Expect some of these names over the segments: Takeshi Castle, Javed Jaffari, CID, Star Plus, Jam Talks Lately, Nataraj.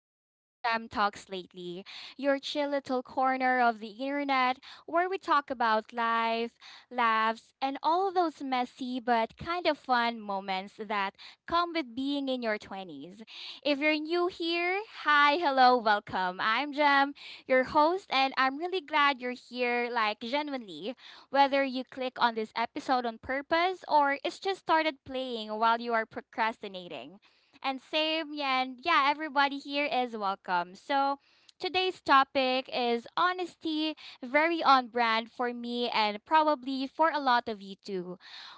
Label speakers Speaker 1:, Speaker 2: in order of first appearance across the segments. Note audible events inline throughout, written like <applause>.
Speaker 1: back to Jam Talks Lately, your chill little corner of the internet where we talk about life, laughs, and all those messy but kind of fun moments that come with being in your 20s. If you're new here, hi, hello, welcome. I'm Jam, your host, and I'm really glad you're here, like, genuinely. Whether you click on this episode on purpose or it's just started playing while you are procrastinating. And same, yeah, and yeah, everybody here is welcome. So today's topic is honesty, very on brand for me and probably for a lot of you too.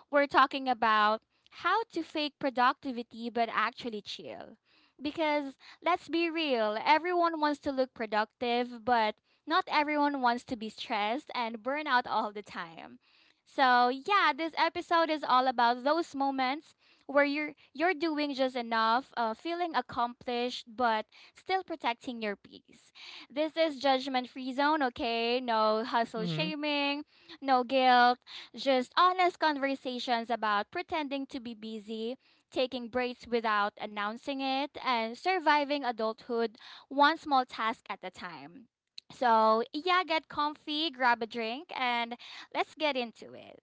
Speaker 1: We're talking about how to fake productivity but actually chill. Because let's be real, everyone wants to look productive, but not everyone wants to be stressed and burn out all the time. So, yeah, this episode is all about those moments where you're doing just enough, feeling accomplished but still protecting your peace. This is judgment-free zone, okay? No hustle
Speaker 2: hmm
Speaker 1: shaming, no guilt, just honest conversations about pretending to be busy, taking breaks without announcing it, and surviving adulthood one small task at a time. So, yeah, get comfy, grab a drink, and let's get into it.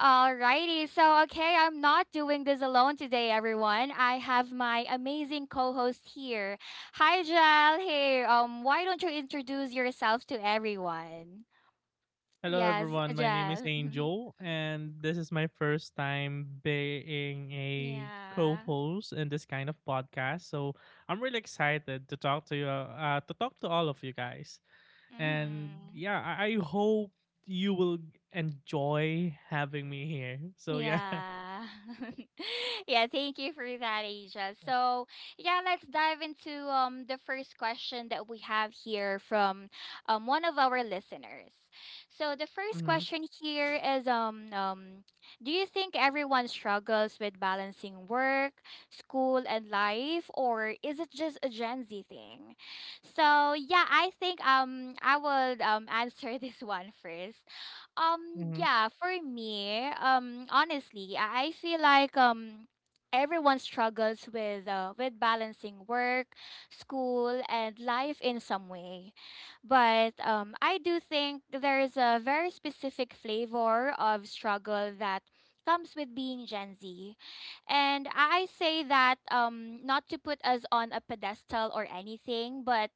Speaker 1: Alrighty, so okay, I'm not doing this alone today, everyone. I have my amazing co-host here. Hi, Jal. Hey, why don't you introduce yourself to everyone?
Speaker 2: Hello,
Speaker 1: Yes,
Speaker 2: everyone. My name is
Speaker 1: Jal. <laughs>
Speaker 2: Angel, and this is my first time being a
Speaker 1: Yeah.
Speaker 2: co-host in this kind of podcast. So I'm really excited to talk to you, to talk to all of you guys. And
Speaker 1: Mm-hmm.
Speaker 2: yeah, I hope you will enjoy having me here. So yeah. <laughs>
Speaker 1: Yeah. <laughs> Yeah, thank you for that, Asia. So, yeah, let's dive into the first question that we have here from one of our listeners. So, the first
Speaker 2: Mm-hmm.
Speaker 1: question here is do you think everyone struggles with balancing work, school, and life, or is it just a Gen Z thing? So, yeah, I think I would answer <laughs> this one first. Yeah, for me, honestly, I feel like everyone struggles with balancing work, school, and life in some way. But I do think there is a very specific flavor of struggle that comes with being Gen Z. And I say that not to put us on a pedestal or anything, but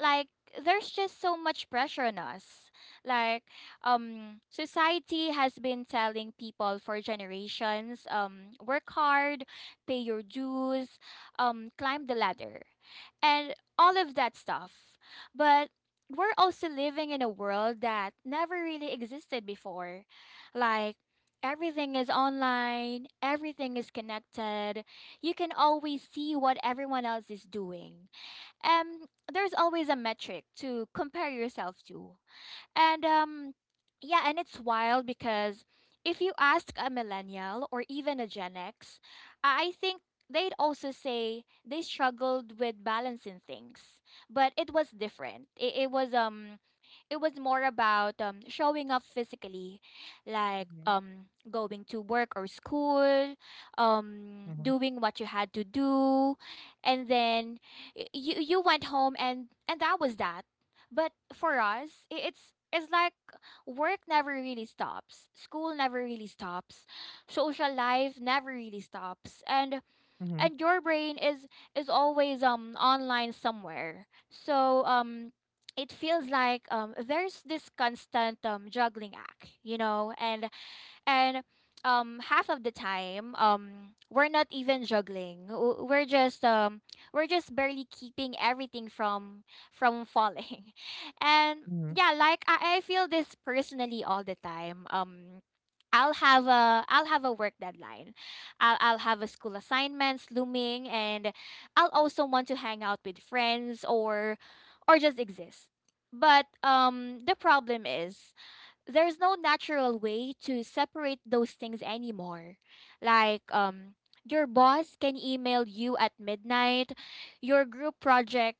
Speaker 1: like there's just so much pressure on us. Like society has been telling people for generations, um, work hard, pay your dues, um, climb the ladder, and all of that stuff. But we're also living in a world that never really existed before. Like everything is online, everything is connected. You can always see what everyone else is doing. And there's always a metric to compare yourself to. And um, yeah, and it's wild because if you ask a millennial or even a Gen X, I think they'd also say they struggled with balancing things. But it was different. It was um, it was more about showing up physically, like
Speaker 2: Mm-hmm.
Speaker 1: going to work or school, um
Speaker 2: Mm-hmm.
Speaker 1: doing what you had to do, and then you went home, and that was that. But for us, it's like work never really stops. School never really stops. Social life never really stops. And
Speaker 2: Mm-hmm.
Speaker 1: your brain is always online somewhere. So it feels like there's this constant juggling act, you know, and and half of the time we're not even we're just um, we're just barely keeping everything from falling. <laughs> And
Speaker 2: Mm-hmm.
Speaker 1: yeah, like I feel this personally all the time. I'll have a work deadline. I'll have a school assignments looming, and I'll also want to hang out with friends or just exist. But the problem is there's no natural way to separate those things anymore. Like your boss can email you at midnight, your group project,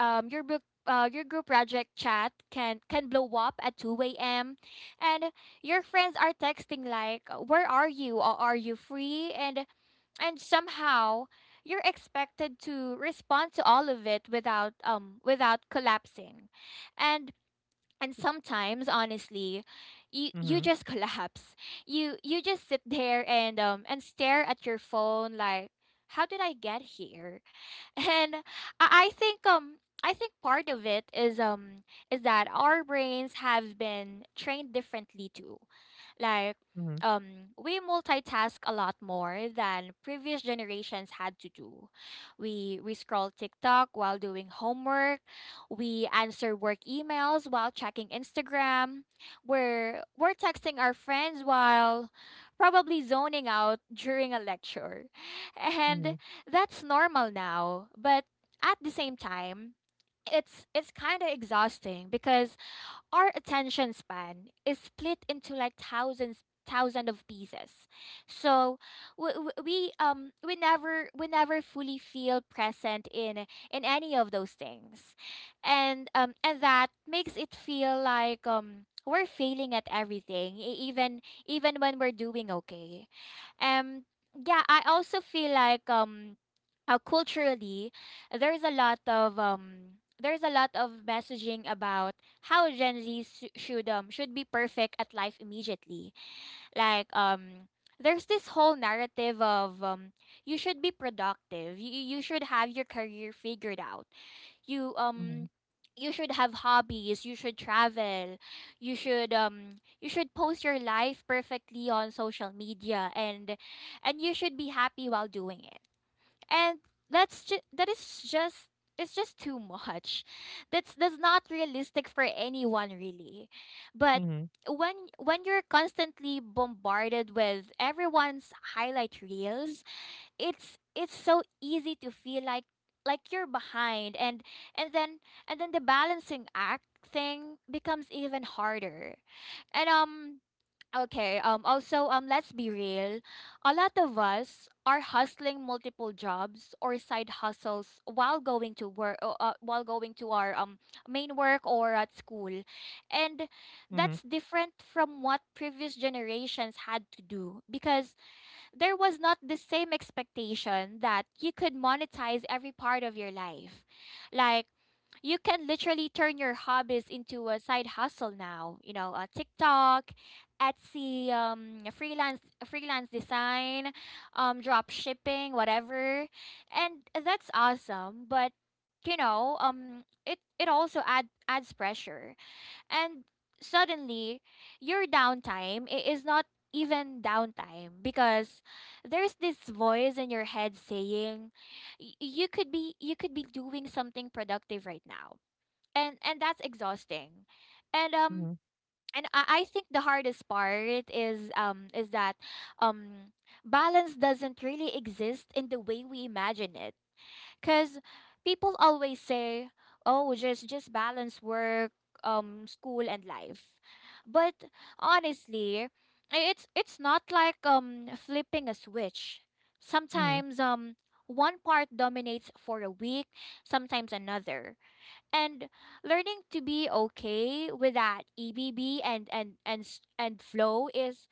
Speaker 1: um your book your group project chat can blow up at 2 a.m. And your friends are texting like, where are you or are you free? And somehow you're expected to respond to all of it without without collapsing. And sometimes, honestly, you
Speaker 2: Mm-hmm.
Speaker 1: just <laughs> collapse. You just sit there and stare at your phone like, how did I get here? <laughs> And I think I think part of it is that our brains have been trained differently too. Like
Speaker 2: Mm-hmm.
Speaker 1: we multitask a lot more than previous generations had to do. We scroll TikTok while doing homework, we answer work emails while checking Instagram, we're texting our friends while probably zoning out during a lecture.
Speaker 2: Mm-hmm.
Speaker 1: And that's normal now, but at the same time, it's kind of exhausting because our attention span is split into like thousands of pieces. So we, we never fully feel present in any of those things. And and that makes it feel like we're failing at everything, even when we're doing okay. Um, yeah, I also feel like um, culturally, there's a lot of there's a lot of messaging about how Gen Z should be perfect at life immediately. Like there's this whole narrative of um, you should be productive. You should have your career figured out. You um, you should have hobbies, you should travel, you should post your life perfectly on social media, and you should be happy while doing it. And that's just, that is just, it's just too much. That's not realistic for anyone really. But
Speaker 2: Mm-hmm.
Speaker 1: when you're constantly bombarded with everyone's highlight reels, it's so easy to feel like you're behind. And and then then the balancing act thing becomes even harder. And um, okay. Um, also, um, let's be real. A lot of us are hustling multiple jobs or side hustles while going to work while going to our main work or at school. And
Speaker 2: Mm-hmm. Mm-hmm.
Speaker 1: that's different from what previous generations had to do because there was not the same expectation that you could monetize every part of your life. Like, you can literally turn your hobbies into a side hustle now. You know, TikTok, Etsy, freelance, freelance design, drop shipping, whatever, and that's awesome. But you know, it also adds pressure. And suddenly your downtime is not even downtime because there's this voice in your head saying, you could be doing something productive right now." And that's exhausting. And um,
Speaker 2: Mm-hmm.
Speaker 1: and I think the hardest part is that um balance doesn't really exist in the way we imagine it. Cause people always say, "Oh, just balance work, school and life," but honestly, it's not like flipping a switch.
Speaker 2: Mm-hmm. Mm-hmm. Mm-hmm.
Speaker 1: Sometimes one part dominates for a week, sometimes another, and learning to be okay with that EBB and flow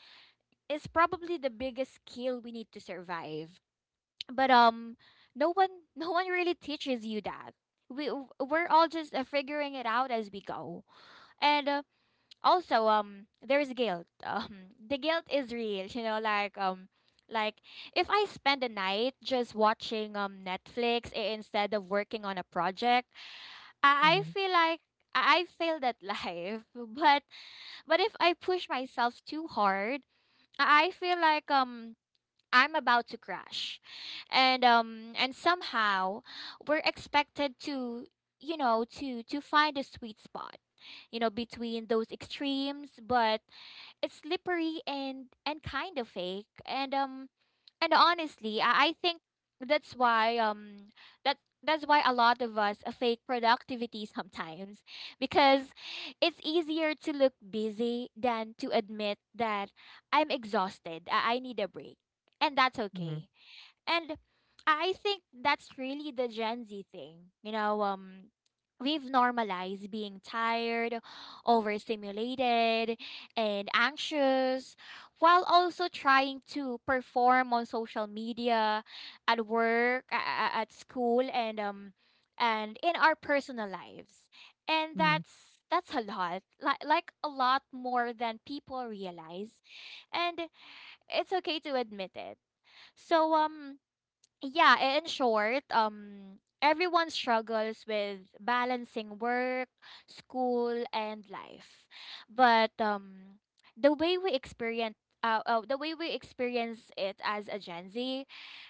Speaker 1: is probably the biggest skill we need to survive. But um, no one <laughs> no one really teaches you that. We we're all just figuring it out as we go. And also um, there's guilt <laughs> um, the guilt is real, you know, like um, like if I spend a night just watching Netflix instead of working on a project, I
Speaker 2: Mm-hmm.
Speaker 1: feel like I failed at life. <laughs> But if I push myself too hard, I feel like I'm about to crash. And um, and somehow we're expected to, you know, to find a sweet spot, you know, between those extremes. But it's slippery and kind of fake. And um, and honestly, I think that's why um, that that's why a lot of us fake productivity <laughs> sometimes because it's easier to look busy than to admit that I'm exhausted. I need a break, and that's
Speaker 2: Mm-hmm.
Speaker 1: okay. And I think that's really the Gen Z thing. You know, um, we've normalized being tired, overstimulated, and anxious while also trying to perform on social media, at work, at school, and um, and in our personal lives. And
Speaker 2: Mm-hmm.
Speaker 1: that's a lot. Like a lot more than people realize. And it's okay to admit it. So um, yeah, in short, everyone struggles with balancing work, school, and life. But the way we experience the way we experience it as a Gen Z,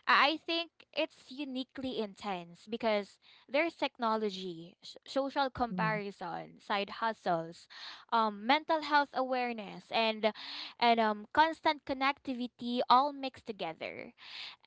Speaker 1: I think it's uniquely intense because there's technology, social comparison, side hustles, mental health awareness, and constant connectivity all mixed together.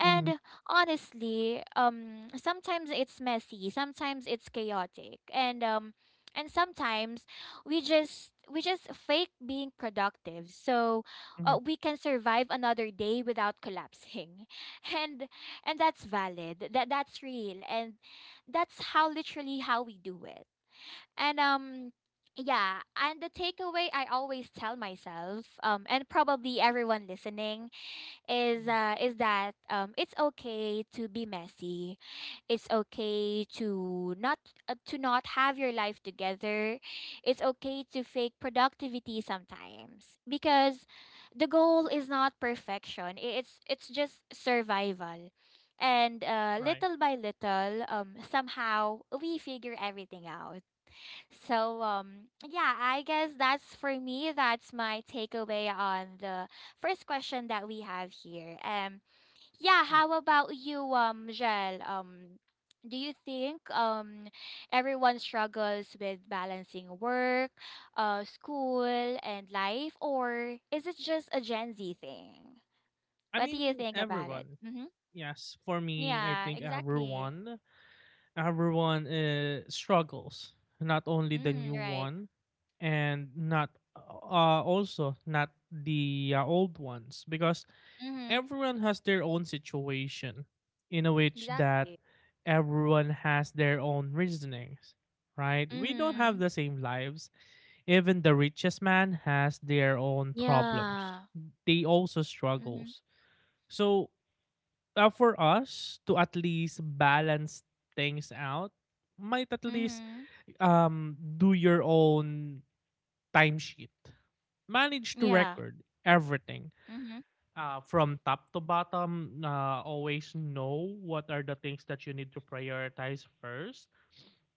Speaker 2: Mm-hmm.
Speaker 1: honestly, sometimes it's messy, sometimes it's chaotic, and sometimes we just fake being productive so
Speaker 2: Mm-hmm.
Speaker 1: we can survive another day without collapsing. <laughs> And that's valid. That's real, and that's how literally how we do it. And yeah, and the takeaway I always tell myself, and probably everyone listening is
Speaker 2: Mhm.
Speaker 1: uh, is that um, it's okay to be messy. It's okay to not have your life together. It's okay to fake productivity sometimes because the goal is not perfection. It's just survival. And
Speaker 2: Right.
Speaker 1: little by little, somehow we figure everything out. So I guess that's for me that's my takeaway on the first question that we have here. Yeah, how about you, Jel? Do you think everyone struggles with balancing work, school, and life, or is it just a Gen Z thing?
Speaker 2: I
Speaker 1: What do you
Speaker 2: mean,
Speaker 1: think about it?
Speaker 2: everyone.
Speaker 1: Mhm.
Speaker 2: Yes, for me, I
Speaker 1: Yeah,
Speaker 2: think
Speaker 1: exactly.
Speaker 2: everyone, everyone struggles. Not only the
Speaker 1: Mhm,
Speaker 2: new
Speaker 1: right.
Speaker 2: one, and not also not the old ones, because
Speaker 1: Mhm.
Speaker 2: everyone has their own situation, in a which that
Speaker 1: Exactly.
Speaker 2: everyone has their own reasonings. Right? We don't have
Speaker 1: Mhm.
Speaker 2: the same lives. Even the richest man has their own problems.
Speaker 1: Yeah.
Speaker 2: They also
Speaker 1: Mhm.
Speaker 2: struggles. So, for us to at least balance things out, might at least
Speaker 1: Mhm.
Speaker 2: do your own timesheet. Manage to
Speaker 1: Yeah.
Speaker 2: record everything
Speaker 1: Mhm.
Speaker 2: from top to bottom. Always know what are the things that you need to prioritize first.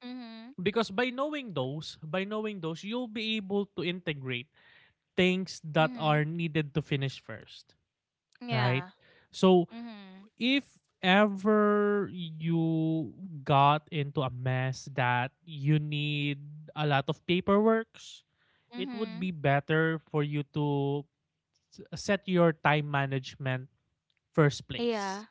Speaker 1: Mhm.
Speaker 2: Because by knowing those, you'll be able to integrate things that
Speaker 1: Mhm.
Speaker 2: are needed to finish first, right?
Speaker 1: Yeah.
Speaker 2: So,
Speaker 1: Mhm.
Speaker 2: if ever you got into a mess that you need a lot of paperwork, it would
Speaker 1: Mhm.
Speaker 2: be better for you to set your time management first place.
Speaker 1: Yeah.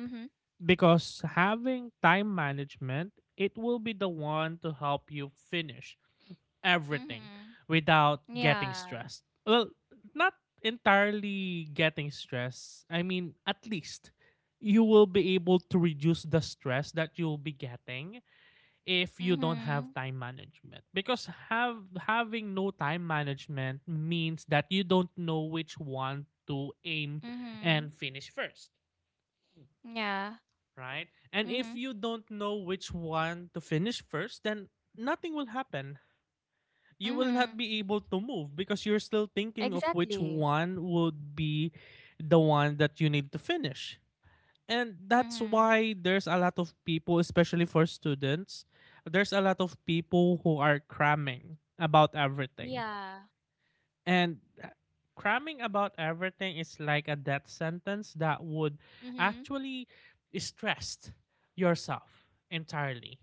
Speaker 1: Mhm.
Speaker 2: Because having time management, it will be the one to help you finish everything
Speaker 1: Mhm.
Speaker 2: without getting
Speaker 1: Yeah.
Speaker 2: stressed. Well, not entirely getting stressed. I mean, at least you will be able to reduce the stress that you'll be getting if you don't have
Speaker 1: Mhm.
Speaker 2: time management because have having no time management means that you don't know which one to aim
Speaker 1: Mhm.
Speaker 2: and finish first,
Speaker 1: Yeah.
Speaker 2: right? And if
Speaker 1: Mhm.
Speaker 2: you don't know which one to finish first, then nothing will happen. You will not
Speaker 1: Mhm.
Speaker 2: be able to move because you're still thinking of which
Speaker 1: Exactly.
Speaker 2: one would be the one that you need to finish. And that's
Speaker 1: Mhm.
Speaker 2: why there's a lot of people, especially for students, there's a lot of people who are cramming about everything.
Speaker 1: Yeah.
Speaker 2: And uh, cramming about everything is like a death sentence that would
Speaker 1: Mhm.
Speaker 2: actually stress yourself entirely.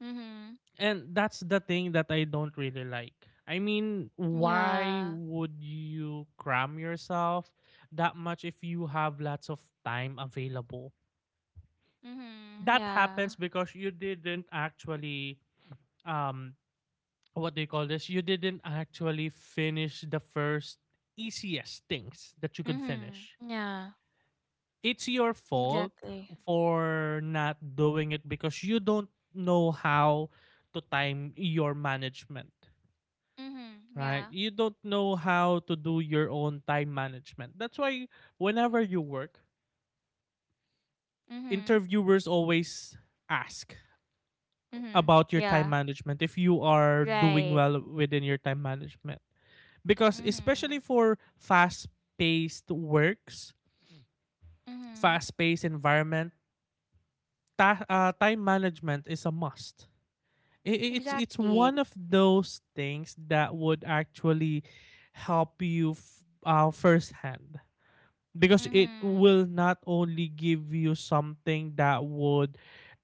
Speaker 1: Mhm.
Speaker 2: And that's the thing that I don't really like. I mean, why
Speaker 1: Yeah.
Speaker 2: would you cram yourself that much if you have lots of time available?
Speaker 1: Mhm.
Speaker 2: That
Speaker 1: Yeah.
Speaker 2: happens because you didn't actually um what do you call this? You didn't actually finish the first easiest things that you could
Speaker 1: Mhm.
Speaker 2: finish.
Speaker 1: Yeah.
Speaker 2: It's your fault
Speaker 1: Exactly.
Speaker 2: for not doing it because you don't know how to time your management.
Speaker 1: Mhm.
Speaker 2: Right.
Speaker 1: Yeah.
Speaker 2: You don't know how to do your own time management. That's why whenever you work,
Speaker 1: Mhm.
Speaker 2: interviewers always ask
Speaker 1: Mhm.
Speaker 2: about your time
Speaker 1: Yeah.
Speaker 2: management, if you are doing
Speaker 1: Right.
Speaker 2: well within your time management. Because especially
Speaker 1: Mhm.
Speaker 2: for fast-paced works,
Speaker 1: Mhm.
Speaker 2: fast-paced environment, time management is a must. I- it's
Speaker 1: Exactly.
Speaker 2: one of those things that would actually help you firsthand, because it
Speaker 1: Mhm.
Speaker 2: will not only give you something that would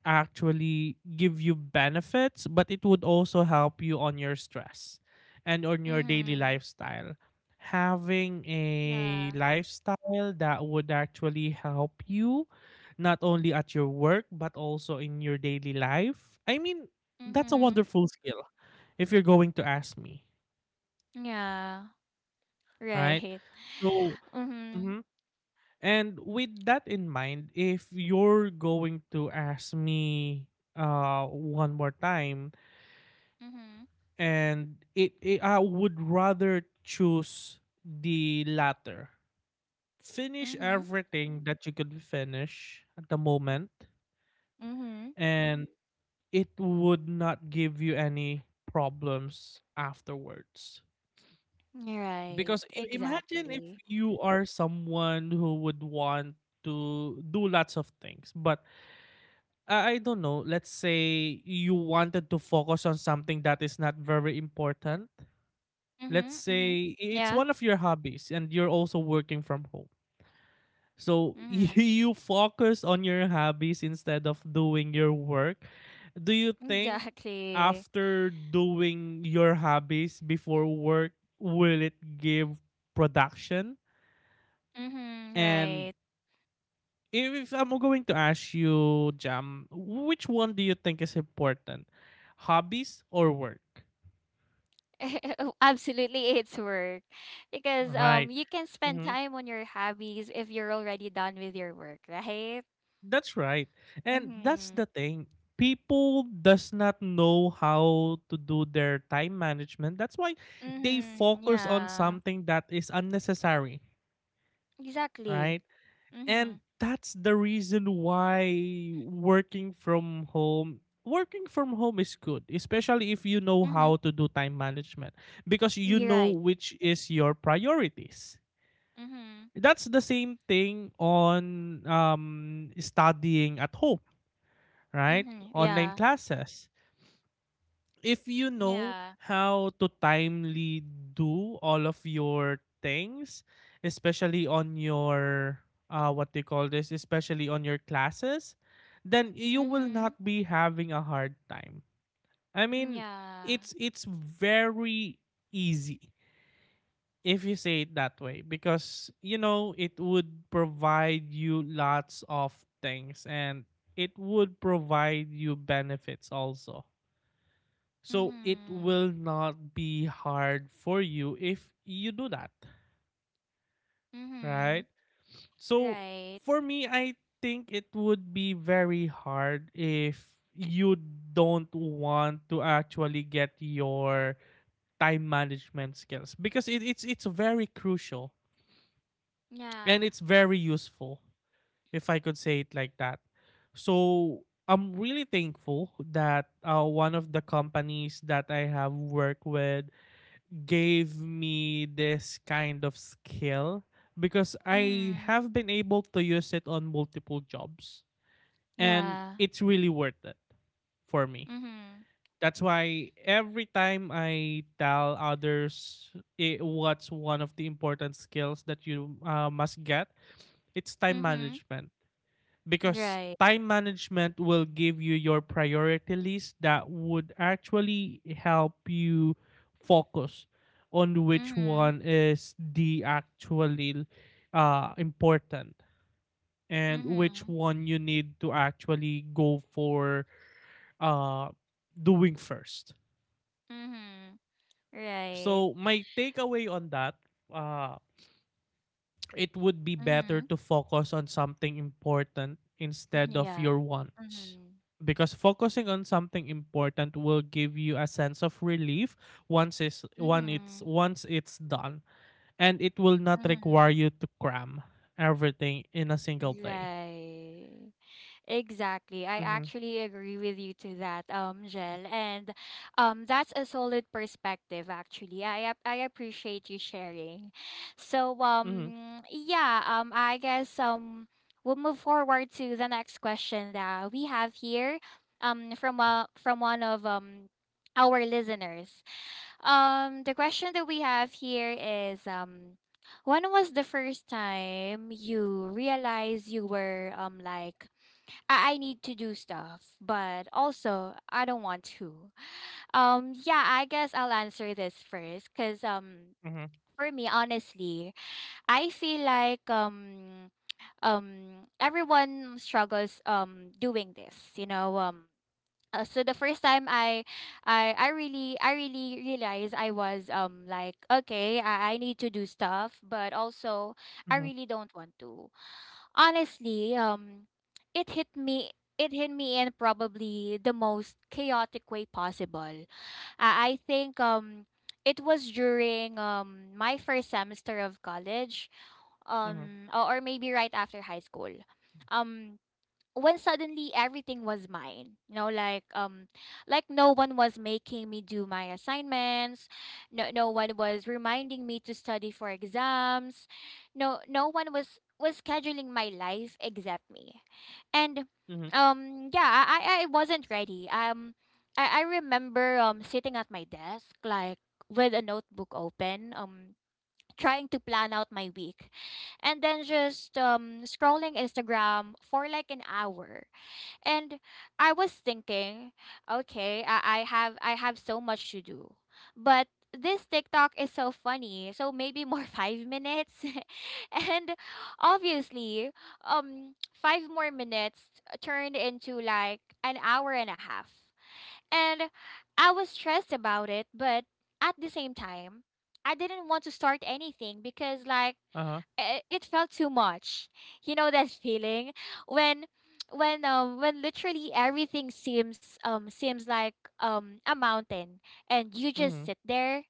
Speaker 2: actually give you benefits, but it would also help you on your stress and on your daily
Speaker 1: Mhm.
Speaker 2: lifestyle. Having a
Speaker 1: Yeah.
Speaker 2: lifestyle that would actually help you not only at your work but also in your daily life, I mean, that's a
Speaker 1: Mhm.
Speaker 2: wonderful skill, if you're going to ask me,
Speaker 1: Yeah.
Speaker 2: right?
Speaker 1: Right.
Speaker 2: So
Speaker 1: Mhm.
Speaker 2: mhm. And with that in mind, if you're going to ask me uh, one more time,
Speaker 1: Mhm.
Speaker 2: and it I would rather choose the latter. Finish
Speaker 1: Mhm.
Speaker 2: everything that you could finish at the moment,
Speaker 1: Mhm.
Speaker 2: and it would not give you any problems afterwards.
Speaker 1: Right.
Speaker 2: Because imagine if
Speaker 1: Exactly.
Speaker 2: you are someone who would want to do lots of things, but I don't know. Let's say you wanted to focus on something that is not very important. Let's
Speaker 1: Mhm. Mhm.
Speaker 2: say it's
Speaker 1: Yeah.
Speaker 2: one of your hobbies and you're also working from home. So <laughs>
Speaker 1: Mhm.
Speaker 2: you focus on your hobbies instead of doing your work. Do you think
Speaker 1: Exactly.
Speaker 2: after doing your hobbies before work, will it give production?
Speaker 1: Mhm.
Speaker 2: And
Speaker 1: Right.
Speaker 2: if I'm going to ask you, Jam, which one do you think is important? Hobbies or work?
Speaker 1: <laughs> Absolutely, it's work because
Speaker 2: Right.
Speaker 1: you can spend
Speaker 2: Mhm.
Speaker 1: time on your hobbies if you're already done with your work, right?
Speaker 2: That's right. And that's the
Speaker 1: Mhm.
Speaker 2: thing. People does not know how to do their time management. That's why they
Speaker 1: Mhm.
Speaker 2: focus on
Speaker 1: Yeah.
Speaker 2: something that is unnecessary,
Speaker 1: Exactly.
Speaker 2: right? And
Speaker 1: Mhm.
Speaker 2: that's the reason why working from home is good, especially if you know
Speaker 1: Mhm.
Speaker 2: how to do time management, because you
Speaker 1: You're
Speaker 2: know
Speaker 1: right.
Speaker 2: which is your priorities.
Speaker 1: Mhm.
Speaker 2: That's the same thing on studying at home, right?
Speaker 1: Mhm.
Speaker 2: Online
Speaker 1: Yeah.
Speaker 2: classes, if you know
Speaker 1: Yeah.
Speaker 2: how to timely do all of your things, especially on your what they call this, especially on your classes, then you will
Speaker 1: Mhm.
Speaker 2: not be having a hard time. I mean,
Speaker 1: Yeah.
Speaker 2: it's very easy if you say it that way, because you know it would provide you lots of things, and it would provide you benefits also, so it
Speaker 1: Mhm.
Speaker 2: will not be hard for you if you do that, right?
Speaker 1: Mhm.
Speaker 2: So
Speaker 1: Right.
Speaker 2: for me, I think it would be very hard if you don't want to actually get your time management skills, because it's it's very crucial and
Speaker 1: Yeah.
Speaker 2: it's very useful, if I could say it like that. So I'm really thankful that one of the companies that I have worked with gave me this kind of skill, because I
Speaker 1: Mhm.
Speaker 2: have been able to use it on multiple jobs, and
Speaker 1: Yeah.
Speaker 2: it's really worth it for me.
Speaker 1: Mhm.
Speaker 2: That's why every time I tell others, I what's one of the important skills that you must get, it's time
Speaker 1: Mhm.
Speaker 2: management, because
Speaker 1: Right.
Speaker 2: time management will give you your priority list that would actually help you focus on which
Speaker 1: Mhm.
Speaker 2: one is the actually important and which
Speaker 1: Mhm.
Speaker 2: one you need to actually go for uh, doing first.
Speaker 1: Mhm. Right.
Speaker 2: So my takeaway on that uh, it would be better
Speaker 1: Mhm.
Speaker 2: to focus on something important
Speaker 1: <laughs>
Speaker 2: instead of
Speaker 1: Yeah.
Speaker 2: your wants.
Speaker 1: Mhm.
Speaker 2: Because focusing on something important will give you a sense of relief
Speaker 1: Mhm.
Speaker 2: once it's done. And it will not require
Speaker 1: Mhm.
Speaker 2: you to cram everything in a single day.
Speaker 1: Right. Exactly. I
Speaker 2: Mm-hmm.
Speaker 1: actually agree with you to that, Jel. And that's a solid perspective actually. I appreciate you sharing. So
Speaker 2: Mm-hmm.
Speaker 1: um yeah, um I guess we'll move forward to the next question that we have here from one of our listeners. The question that we have here is, when was the first time you realized you were like, I need to do stuff, but also I don't want to. Yeah, I guess I'll answer this first, cause
Speaker 2: Mm-hmm.
Speaker 1: for me, honestly, I feel like, everyone struggles doing this. So the first time I really realized I was like, okay, I need to do stuff, but also I really don't want to. Honestly, it hit me. It hit me in probably the most chaotic way possible. I think, it was during my first semester of college,
Speaker 2: Mm-hmm.
Speaker 1: or maybe right after high school. Um, when suddenly everything was mine, you know, no one was making me do my assignments, no one was reminding me to study for exams, no one was scheduling my life except me. And
Speaker 2: Mm-hmm. Mm-hmm.
Speaker 1: I wasn't ready. I remember sitting at my desk, like, with a notebook open, trying to plan out my week, and then just scrolling Instagram for like an hour. And I was thinking, okay, I have so much to do, but this TikTok is so funny, so maybe more <laughs> 5 minutes, <laughs> and obviously, um, five more minutes turned into like an hour and a half. And I was stressed about it, but at the same time, I didn't want to start anything because like
Speaker 2: Uh-huh.
Speaker 1: i- it felt too much. You know that feeling, when literally everything seems like a mountain, and you just
Speaker 2: Mm-hmm.
Speaker 1: sit there?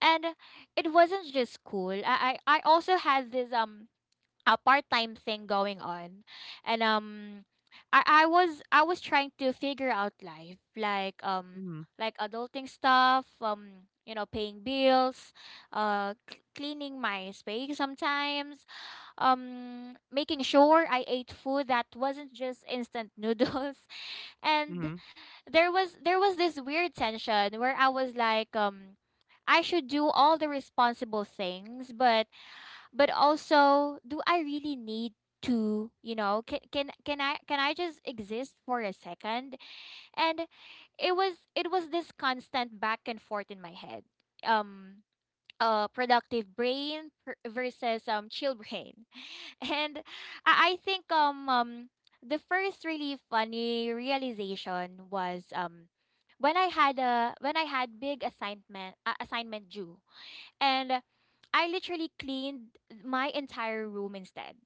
Speaker 1: And it wasn't just school. I also had this a part-time thing going on, and I was trying to figure out life, like,
Speaker 2: Mm-hmm.
Speaker 1: adulting stuff, you know, paying bills, cleaning my space sometimes, making sure I ate food that wasn't just instant noodles. <laughs> And
Speaker 2: Mm-hmm.
Speaker 1: there was this weird tension where I was like, I should do all the responsible things, but also, do I really need to, you know, can I just exist for a second? And it was this constant back and forth in my head. um Productive brain versus chill brain. <laughs> And I think the first really funny realization was when I had big assignment due, and I literally cleaned my entire room instead.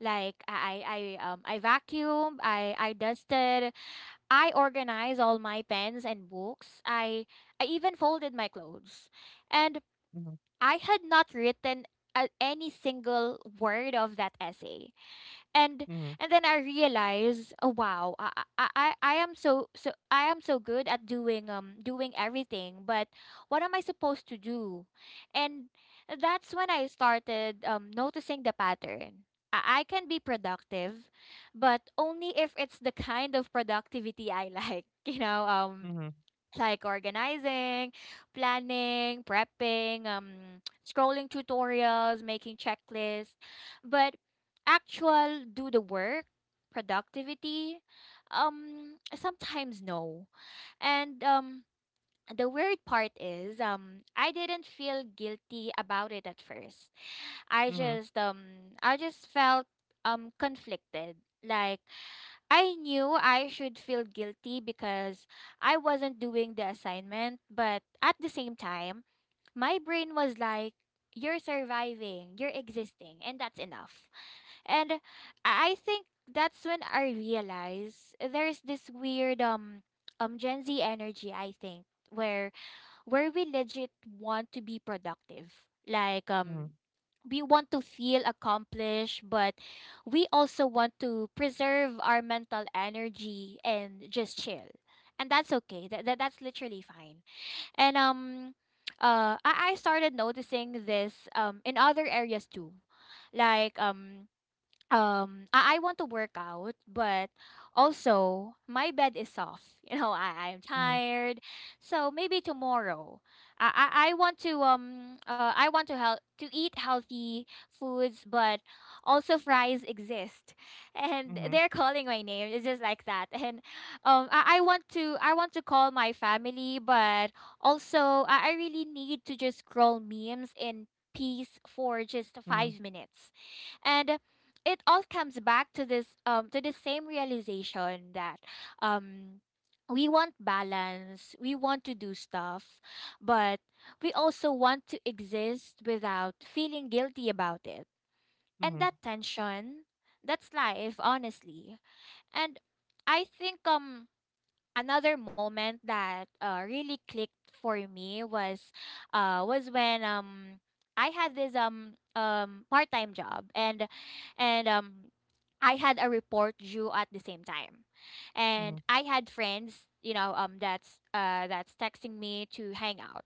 Speaker 1: Like, I vacuumed, I dusted, I organized all my pens and books. I even folded my clothes. And
Speaker 2: Mm-hmm.
Speaker 1: I had not written any single word of that essay. and
Speaker 2: Mm-hmm.
Speaker 1: and then I realize, oh wow, I am so good at doing everything, but what am I supposed to do? And that's when I started noticing the pattern. I can be productive, but only if it's the kind of productivity I like. <laughs> You know,
Speaker 2: Mm-hmm.
Speaker 1: like organizing, planning, prepping, scrolling tutorials, making checklists. But actual do the work, productivity, sometimes no. And the weird part is, I didn't feel guilty about it at first. I
Speaker 2: Mm-hmm.
Speaker 1: just um, I just felt conflicted. Like, I knew I should feel guilty because I wasn't doing the assignment, but at the same time, my brain was like, you're surviving, you're existing, and that's enough. And I think that's when I realized there's this weird Gen Z energy, I think, where we legit want to be productive. Like,
Speaker 2: Mm-hmm. Mm-hmm.
Speaker 1: we want to feel accomplished, but we also want to preserve our mental energy and just chill. And that's okay. That's literally fine. And I started noticing this in other areas too. Like, I want to work out, but also my bed is soft. <laughs> You know, I'm
Speaker 2: Mm-hmm.
Speaker 1: tired, so maybe tomorrow. I want to help to eat healthy foods, but also fries exist <laughs> and
Speaker 2: Mm-hmm.
Speaker 1: they're calling my name. It's just like that. And I want to call my family, but also I really need to just scroll memes in peace for just 5 minutes. And it all comes back to this to the same realization, that, um we want balance, we want to do stuff, but we also want to exist without feeling guilty about it. And
Speaker 2: Mm-hmm.
Speaker 1: that tension, that's life, honestly. And I think, another moment that really clicked for me was when I had this, part-time job, and I had a report due at the same time, and
Speaker 2: Mm-hmm.
Speaker 1: I had friends, you know, that's texting me to hang out,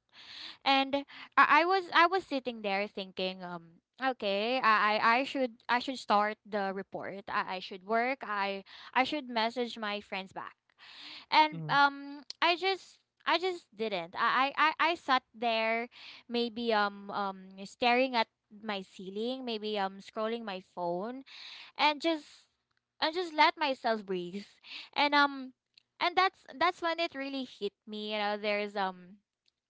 Speaker 1: and I was sitting there thinking, okay, I should start the report. I should work. I should message my friends back, and I just. I just didn't. I sat there, maybe staring at my ceiling, maybe scrolling my phone, and just and just let myself breathe. And um and that's when it really hit me. You know,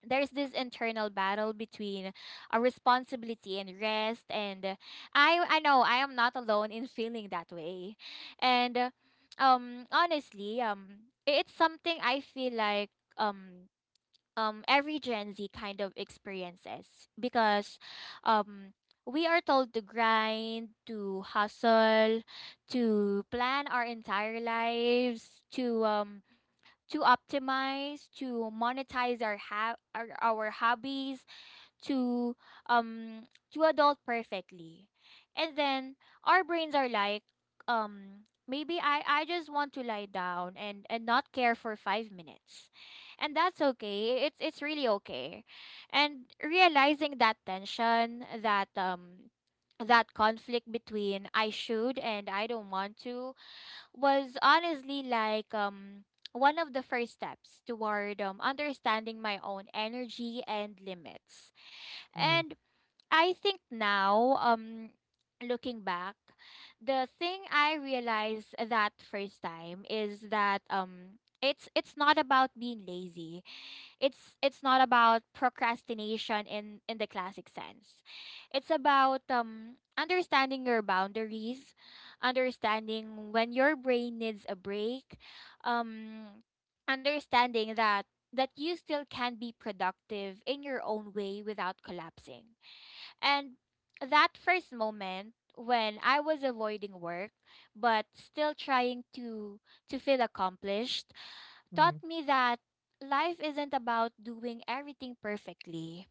Speaker 1: there's this internal battle between a responsibility and rest, and I know I am not alone in feeling that way. And honestly, it's something I feel like um every Gen Z kind of experiences, because um we are told to grind, to hustle, to plan our entire lives, to optimize, to monetize our hobbies, to um to adult perfectly, and then our brains are like, maybe I just want to lie down and not care for 5 minutes. And that's okay, it's really okay. And realizing that tension, that conflict between "I should" and "I don't want to," was honestly like, one of the first steps toward, understanding my own energy and limits.
Speaker 2: Mm-hmm.
Speaker 1: And I think now, looking back, the thing I realized that first time is that, it's not about being lazy. It's not about procrastination in the classic sense. It's about understanding your boundaries, understanding when your brain needs a break, um, understanding that you still can be productive in your own way without collapsing. And that first moment when I was avoiding work but still trying to feel accomplished taught
Speaker 2: Mm-hmm.
Speaker 1: me that life isn't about doing everything perfectly.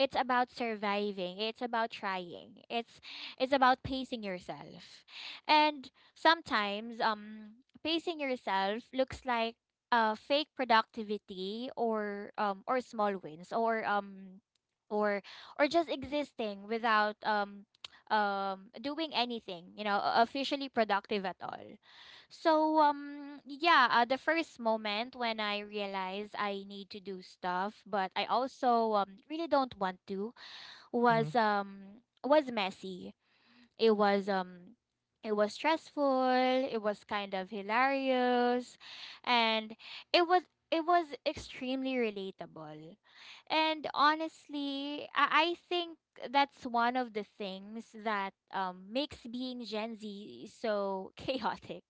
Speaker 1: It's about surviving. It's about trying. It's about pacing yourself. And sometimes pacing yourself looks like fake productivity, or small wins, or or just existing without <tsk> doing anything, officially productive at all. So yeah, the first moment when I realized I need to do stuff but I also really don't want to
Speaker 2: Mhm,
Speaker 1: was messy. It was um it was stressful. It was kind of hilarious. And it was it was extremely relatable. And honestly, I think that's one of the things that, makes being Gen Z so <laughs> chaotic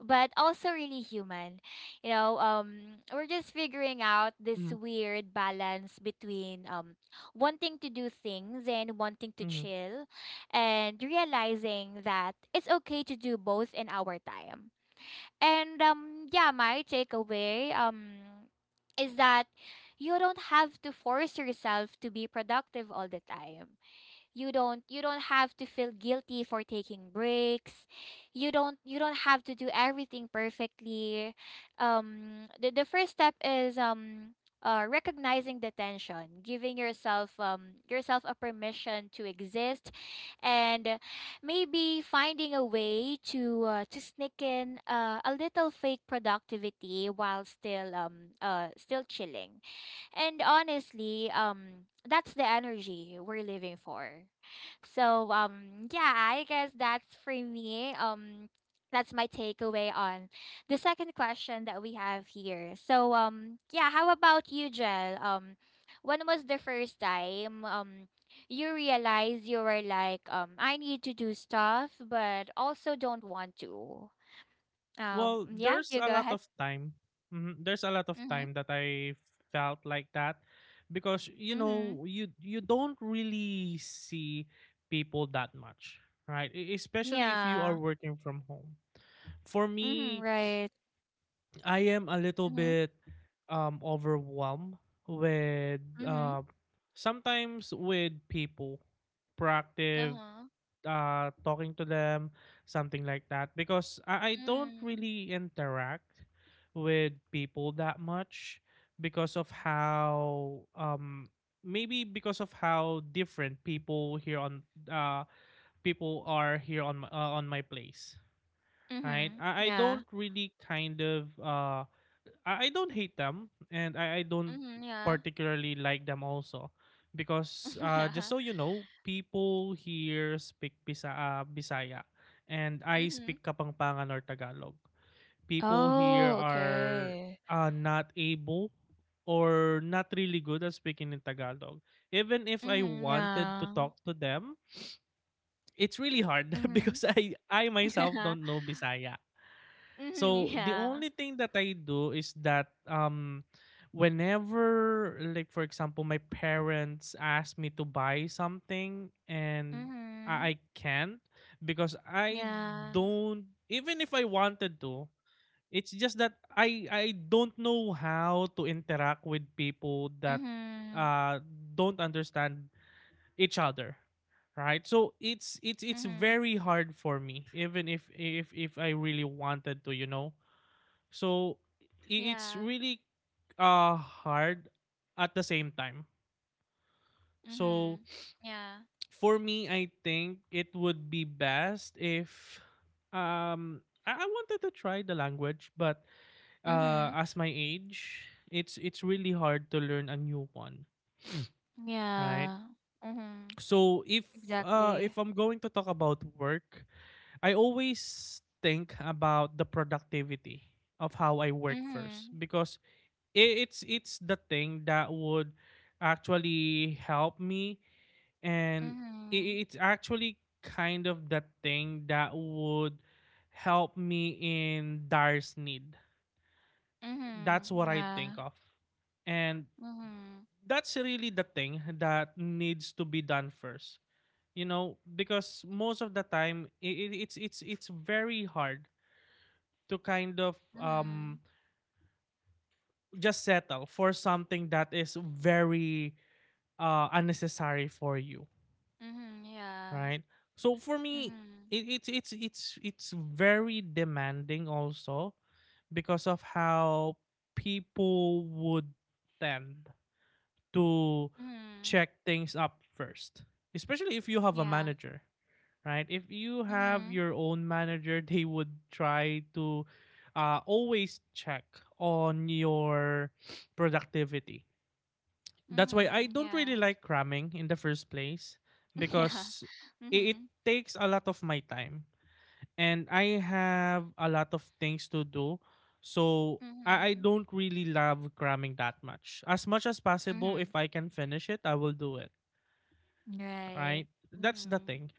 Speaker 1: but also really human. We're just figuring out this
Speaker 2: mhm,
Speaker 1: weird balance between, wanting to do things and wanting to
Speaker 2: mhm.
Speaker 1: chill, and realizing that it's okay to do both in our time. And yeah, my takeaway is that you don't have to force yourself to be productive all the time. You don't have to feel guilty for taking breaks. You don't have to do everything perfectly. The first step is recognizing the tension, giving yourself a permission to exist, and maybe finding a way to sneak in a little fake productivity while still chilling. And honestly, that's the energy we're living for. So yeah, I guess that's for me. That's my takeaway on the second question that we have here. So yeah, how about you, Jel? When was the first time you realized you were like, I need to do stuff but also don't want to?
Speaker 2: Well,
Speaker 1: Yeah,
Speaker 2: there's
Speaker 1: you
Speaker 2: a
Speaker 1: go
Speaker 2: lot
Speaker 1: ahead.
Speaker 2: of time. Mhm. There's a lot of
Speaker 1: Mhm.
Speaker 2: time that I felt like that, because you
Speaker 1: Mhm.
Speaker 2: know you don't really see people that much, right? Especially if you are
Speaker 1: Yeah.
Speaker 2: working from home. For
Speaker 1: Mhm.
Speaker 2: me,
Speaker 1: Right.
Speaker 2: I am a little
Speaker 1: Mm-hmm.
Speaker 2: bit overwhelmed with
Speaker 1: Mhm.
Speaker 2: sometimes with people, proactive
Speaker 1: Uh-huh.
Speaker 2: talking to them, something like that. Because I don't
Speaker 1: Mm.
Speaker 2: really interact with people that much because of how maybe because of how different uh people are here on my place. Right,
Speaker 1: Mhm.
Speaker 2: I
Speaker 1: Yeah.
Speaker 2: don't really kind of I don't hate them, and I don't
Speaker 1: Mhm. Yeah.
Speaker 2: particularly like them also, because
Speaker 1: <laughs>
Speaker 2: just
Speaker 1: Yeah.
Speaker 2: so you know, people here speak Bisaya, and I
Speaker 1: Mhm.
Speaker 2: speak Kapampangan or Tagalog. People here
Speaker 1: Oh,
Speaker 2: are
Speaker 1: okay.
Speaker 2: not able or not really good at speaking in Tagalog. Even if I
Speaker 1: Mhm.
Speaker 2: wanted to
Speaker 1: Yeah.
Speaker 2: talk to them, it's really hard <laughs>
Speaker 1: Mhm.
Speaker 2: because I
Speaker 1: Yeah.
Speaker 2: myself
Speaker 1: Mhm.
Speaker 2: don't know
Speaker 1: <laughs>
Speaker 2: Bisaya. So the
Speaker 1: Yeah.
Speaker 2: only thing that I do is that um, whenever, like for example, my parents ask me to buy something and I,
Speaker 1: Mhm.
Speaker 2: I can't because I
Speaker 1: Yeah.
Speaker 2: don't even if I wanted to, it's just that I don't know how to interact with people that
Speaker 1: Mhm.
Speaker 2: uh, don't understand each other, right? So it's
Speaker 1: Mhm.
Speaker 2: very hard for me, even if I really wanted to, you know. So I- it's
Speaker 1: Yeah.
Speaker 2: really uh, hard at the same time. So
Speaker 1: Mhm. Yeah.
Speaker 2: for me, I think it would be best if um, I wanted to try the language, but uh,
Speaker 1: Mhm.
Speaker 2: as my age, it's really hard to learn a new one, right?
Speaker 1: Yeah. Mhm.
Speaker 2: So if
Speaker 1: Exactly.
Speaker 2: I'm going to talk about work, I always think about the productivity of how I work first,
Speaker 1: Mhm.
Speaker 2: because it's it's the thing that would actually help me, and it,
Speaker 1: Mhm.
Speaker 2: it's actually kind of the thing that would help me in direst need.
Speaker 1: Mhm.
Speaker 2: That's what I think
Speaker 1: Yeah.
Speaker 2: of, and
Speaker 1: Mhm.
Speaker 2: that's really the thing that needs to be done first. You know, because most of the time, it, it's very hard to kind of um,
Speaker 1: Mhm.
Speaker 2: just settle for something that is very unnecessary for you,
Speaker 1: Mhm. Yeah.
Speaker 2: right? So for me,
Speaker 1: Mhm.
Speaker 2: it, it's very demanding also because of how people would tend to
Speaker 1: Mhm.
Speaker 2: check things up first, especially if you have a
Speaker 1: Yeah.
Speaker 2: manager, right? If you have
Speaker 1: Mhm.
Speaker 2: your own manager, they would try to always check on your productivity. That's why
Speaker 1: Mhm.
Speaker 2: I don't
Speaker 1: Yeah.
Speaker 2: really like cramming in the first place,
Speaker 1: <laughs> Yeah.
Speaker 2: because it
Speaker 1: Mhm.
Speaker 2: takes a lot of my time and I have a lot of things to do. So I
Speaker 1: Mhm.
Speaker 2: don't really love cramming that much. As much as possible,
Speaker 1: Mhm.
Speaker 2: if I can finish it, I will do it.
Speaker 1: Right.
Speaker 2: Right? That's the
Speaker 1: Mhm.
Speaker 2: thing,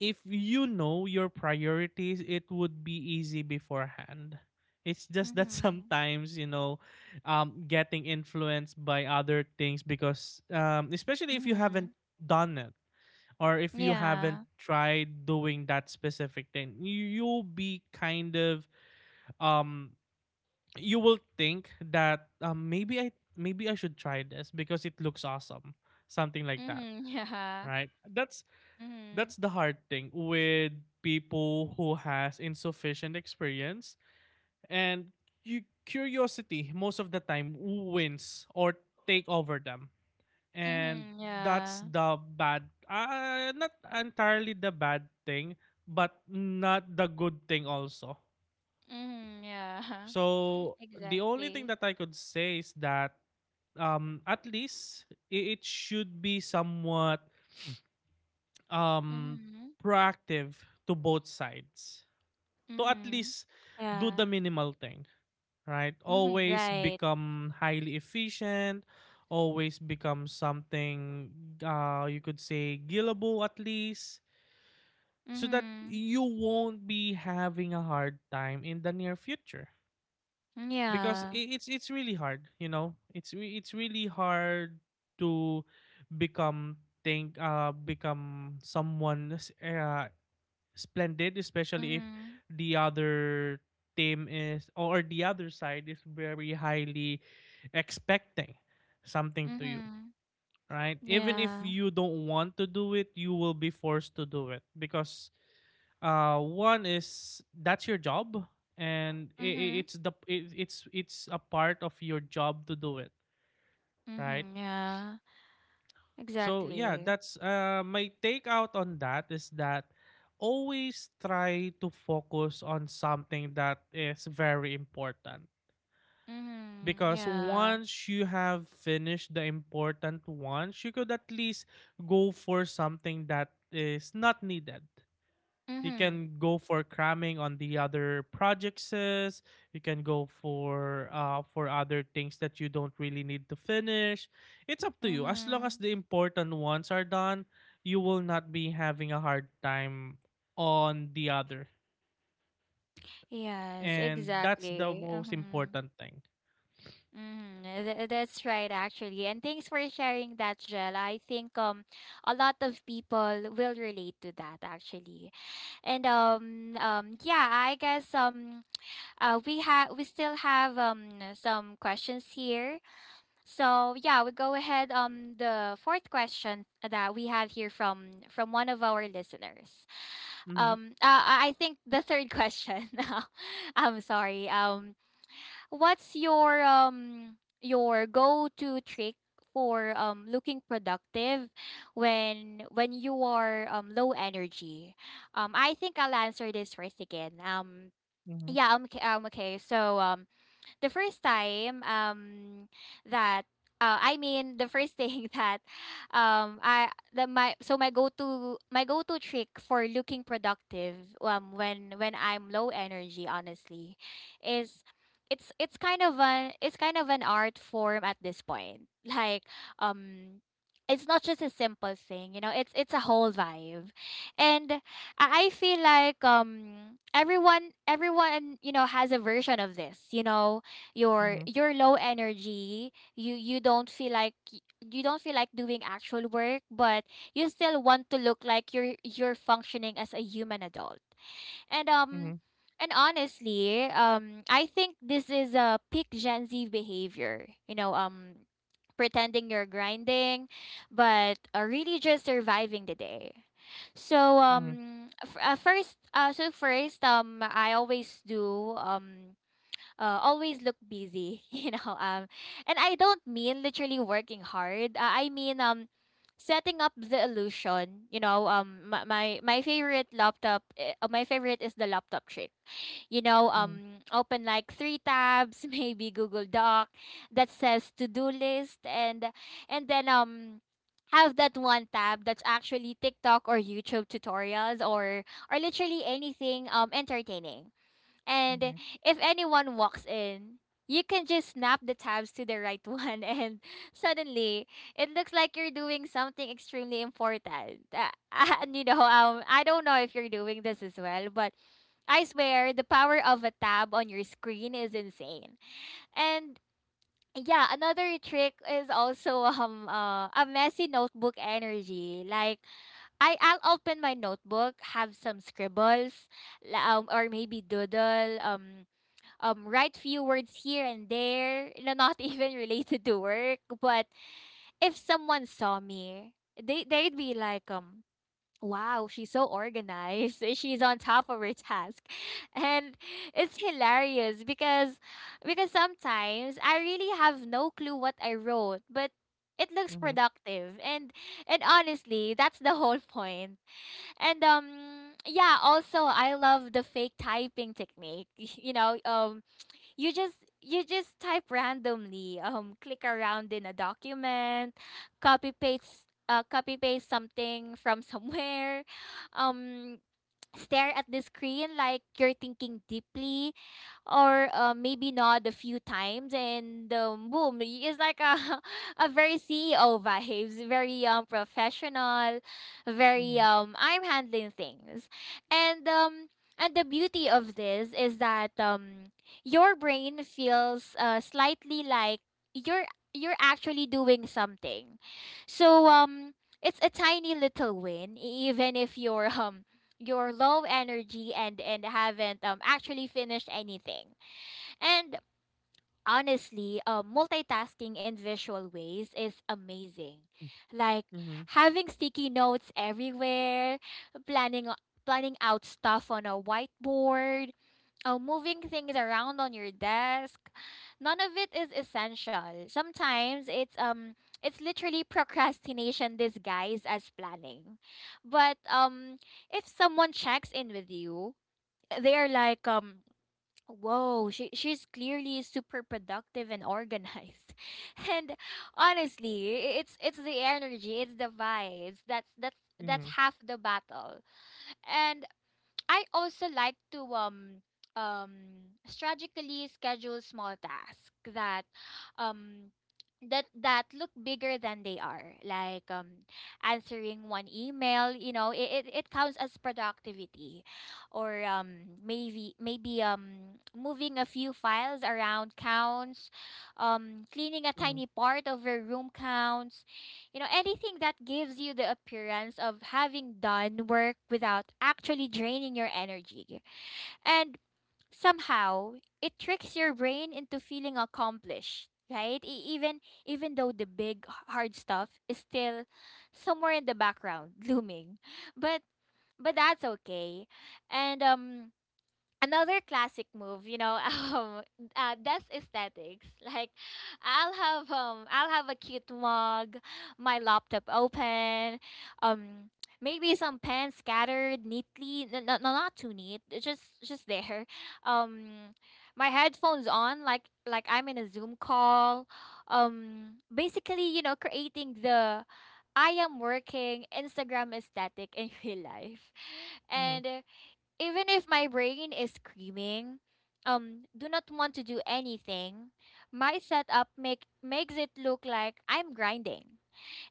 Speaker 2: if you know your priorities, it would be easy beforehand. It's just that <laughs>
Speaker 1: Mhm.
Speaker 2: sometimes, getting influenced by other things because, especially if you haven't
Speaker 1: Mhm.
Speaker 2: done it, or if you haven't
Speaker 1: Yeah.
Speaker 2: tried doing that specific thing, you'll be kind of, um, you will think that um, maybe I should try this because it looks awesome, something like that,
Speaker 1: Mhm. <laughs> Yeah.
Speaker 2: right? That's
Speaker 1: Mhm.
Speaker 2: that's the hard thing with people who has insufficient experience, and you curiosity most of the time wins or take over them, and
Speaker 1: Mhm.
Speaker 2: that's
Speaker 1: Yeah.
Speaker 2: the bad not entirely the bad thing, but not the good thing also.
Speaker 1: Mhm. Yeah. <laughs>
Speaker 2: So the only
Speaker 1: Exactly.
Speaker 2: thing that I could say is that, um, at least it should be somewhat, um,
Speaker 1: Mhm.
Speaker 2: proactive to both sides, to at
Speaker 1: Mhm.
Speaker 2: least do the
Speaker 1: Yeah.
Speaker 2: minimal thing, right?
Speaker 1: Mhm.
Speaker 2: Always
Speaker 1: Right.
Speaker 2: become highly efficient, always become something, you could say gillable at least, so that
Speaker 1: Mhm.
Speaker 2: you won't be having a hard time in the near future. Because
Speaker 1: Yeah.
Speaker 2: it's really hard, you know. It's really hard to become become someone, splendid, especially if
Speaker 1: Mhm.
Speaker 2: the other team is, or the other side is, very highly expecting something to you,
Speaker 1: Mhm.
Speaker 2: right? Even if
Speaker 1: Yeah.
Speaker 2: you don't want to do it, you will be forced to do it. Because, one is that's your job, and I-
Speaker 1: Mhm.
Speaker 2: it's the it, it's a part of your job to do it, right?
Speaker 1: Mhm. Yeah.
Speaker 2: So yeah,
Speaker 1: Exactly.
Speaker 2: that's my takeout on that is that always try to focus on something that is very important.
Speaker 1: Mm-hmm.
Speaker 2: Because
Speaker 1: Yeah.
Speaker 2: once you have finished the important ones, you could at least go for something that is not needed. You
Speaker 1: Mm-hmm.
Speaker 2: can go for cramming on the other projects. You can go for other things that you don't really need to finish. It's up to you. As long as
Speaker 1: Mm-hmm.
Speaker 2: the important ones are done, you will not be having a hard time on the other.
Speaker 1: Yes,
Speaker 2: And that's the
Speaker 1: exactly.
Speaker 2: most
Speaker 1: Mm-hmm.
Speaker 2: important thing.
Speaker 1: Mm-hmm. That's right, actually. And thanks for sharing that, Jel. I think a lot of people will relate to that, actually. And yeah, I guess we still have some questions here. So yeah, we go ahead, the fourth question that we have here from one of our listeners.
Speaker 2: Mhm.
Speaker 1: I think the third question. <laughs> I'm sorry. What's your, your go-to trick for looking productive when you are low energy? I think I'll answer this first again. Um,
Speaker 2: Mhm.
Speaker 1: yeah. Okay. Okay. So the first time that I mean the first thing <laughs> that I the my so my go-to trick for looking productive when I'm low energy, honestly, is it's kind of an art form at this point. <laughs> Like um it's not just a simple thing. It's a whole vibe. And I feel like everyone has a version of this. You're
Speaker 2: Mhm.
Speaker 1: you're low energy, you don't feel like doing actual work, but you still want to look like you're functioning as a human adult. and um
Speaker 2: Mhm.
Speaker 1: and honestly, I think this is a peak Gen Z behavior, pretending you're grinding, but really just surviving the day. So
Speaker 2: Mhm.
Speaker 1: first, I always do always look busy. <laughs> And I don't mean literally working hard. I mean, setting up the illusion. My favorite is the laptop trick.
Speaker 2: Mhm.
Speaker 1: Open like three tabs, <laughs> maybe Google Doc that says to do list, and then have that one tab that's actually TikTok or YouTube tutorials, or literally anything entertaining. And
Speaker 2: Mhm.
Speaker 1: if anyone walks in, you can just snap the tabs to the right <laughs> one, and suddenly it looks like you're doing something extremely important. <laughs> And I don't know if you're doing this as well, but I swear the power of a tab on your screen is insane. And yeah, another trick is also a messy notebook energy. Like, I'll open my notebook, have some scribbles, or maybe doodle. Write few words here and there, not <laughs> even related to work. But if someone saw me, they'd be like, wow, she's so organized. <laughs> She's on top of her task. <laughs> And it's hilarious because sometimes I really have no clue what I wrote, but it looks
Speaker 2: Mhm.
Speaker 1: productive, and honestly, that's the whole point. And yeah, also I love the fake typing technique. <laughs> You just type randomly, click around in a document, copy paste something from <laughs> somewhere, um stare at the screen like you're thinking deeply, or maybe not, a few times, and boom, it's like a, <laughs> a very CEO vibes, very professional, very
Speaker 2: Mhm.
Speaker 1: I'm handling things. And the beauty of this is that your brain feels slightly like you're you're actually doing something. So it's a tiny little win, even if you're <laughs> you're low energy and haven't actually finished anything. And honestly, multitasking in visual ways is amazing. Like,
Speaker 2: Mhm.
Speaker 1: having sticky notes everywhere, planning out stuff on a whiteboard, oh, moving things around on your desk. None of it is essential. Sometimes it's literally procrastination disguised as planning. But if someone checks in with you, they are like, whoa, she's clearly super productive and organized. <laughs> And honestly, it's the energy, it's the vibes. That's
Speaker 2: Mhm.
Speaker 1: half the battle. And I also like to um strategically schedule small tasks that um that look bigger than they are, like answering one email. It counts as productivity. Or maybe moving a few files around counts. Cleaning a
Speaker 2: Mhm,
Speaker 1: tiny part of your room counts. Anything that gives you the appearance of having done work without actually draining your energy. And somehow, it tricks your brain into feeling accomplished, right? Even though the big hard stuff is still somewhere in the background <laughs> looming. But but that's okay. And another classic move, <laughs> um, that's aesthetics. Like, I'll have a cute mug, my laptop open, um, maybe some pens scattered neatly, no, no, not too neat, just there. <laughs> Um, my headphones on, like, I'm in a Zoom call. Basically, creating the I am working Instagram aesthetic in <laughs> real life. And
Speaker 2: mhm,
Speaker 1: even if my brain is screaming, do not want to do anything, my setup, makes it look like I'm grinding.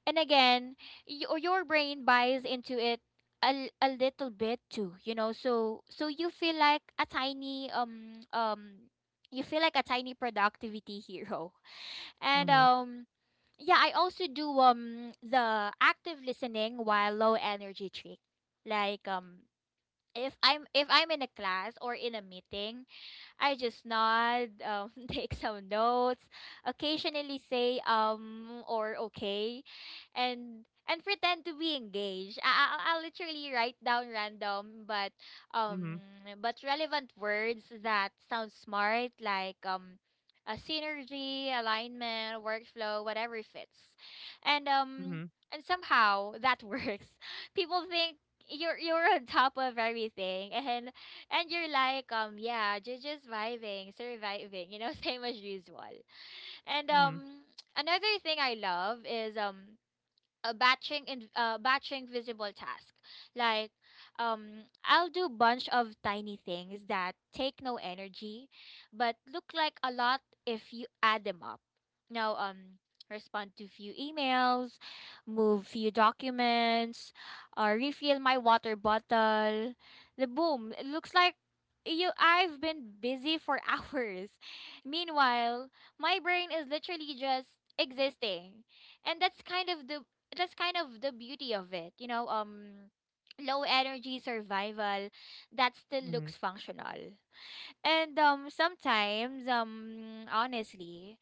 Speaker 1: And again, your brain buys into it a, little bit too, So you feel like a tiny, productivity <laughs> hero. And
Speaker 2: mhm,
Speaker 1: yeah, I also do the active listening while low energy trick. Like, if I'm, if I'm in a class or in a meeting, I just nod, <laughs> take some notes, occasionally say "um" or "okay," and pretend to be engaged. I'll literally write down random but, um
Speaker 2: mhm,
Speaker 1: but relevant words that sound smart, like a synergy, alignment, workflow, whatever fits. And
Speaker 2: mhm,
Speaker 1: somehow that <laughs> works. People think you're on top of everything, and you're like, yeah, just vibing, surviving, <laughs> same as usual. And
Speaker 2: mhm,
Speaker 1: another thing I love is, a batching in batching visible task like, I'll do bunch of tiny things that take no energy but look like a lot if you add them up. Now, respond to few emails, move few documents, or refill my water bottle, the boom, it looks like you I've been busy for <laughs> hours. Meanwhile, my brain is literally just existing. And that's kind of the beauty of it. Low energy survival that still
Speaker 2: mhm,
Speaker 1: looks functional. And sometimes, honestly,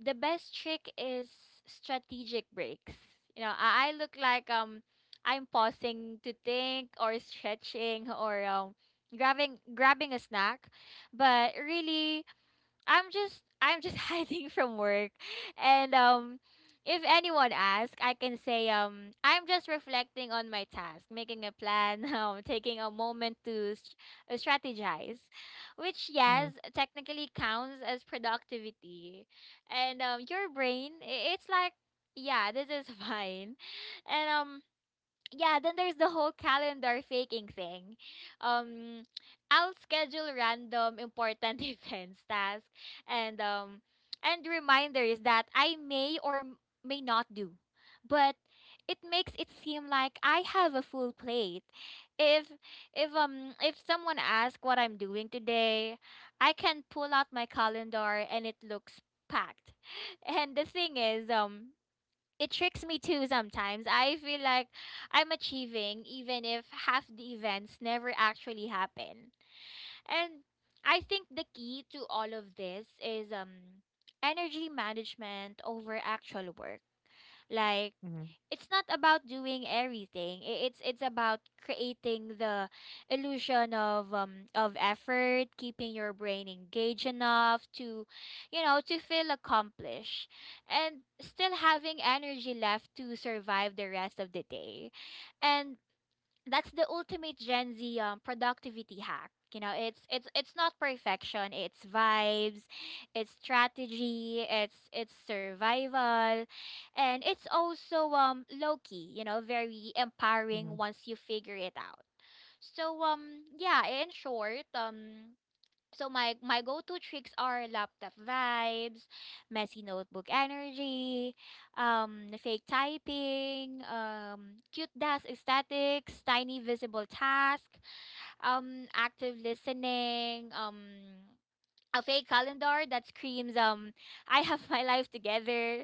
Speaker 1: the best trick is strategic breaks. I look like, I'm pausing to think or stretching or grabbing a snack, but really, I'm just <laughs> hiding from work. And if anyone asks, I can say, I'm just reflecting on my task, making a plan, <laughs> taking a moment to, strategize, which, yes,
Speaker 2: mhm,
Speaker 1: technically counts as productivity. And your brain, it's like, yeah, this is <laughs> fine. And yeah, then there's the whole calendar faking thing. Um, I'll schedule random important <laughs> events, tasks, and um, and reminders that I may or may not do, but it makes it seem like I have a full plate. If if if someone asks what I'm doing today, I can pull out my calendar and it looks packed. <laughs> And the thing is, it tricks me too sometimes. I feel like I'm achieving even if half the events never actually happen. And I think the key to all of this is energy management over actual work. Like
Speaker 2: mhm,
Speaker 1: it's not about doing everything. It's about creating the illusion of of effort, keeping your brain engaged enough to, to feel accomplished, and still having energy left to survive the rest of the day. And that's the ultimate Gen Z productivity hack. You know, it's not perfection. It's vibes, it's strategy, it's survival, and it's also low key. You know, very empowering
Speaker 2: mhm,
Speaker 1: once you figure it out. So yeah, in short, so my go-to tricks are laptop vibes, messy notebook energy, fake typing, cute desk aesthetics, tiny visible task, active listening, a fake calendar that screams I have my life together.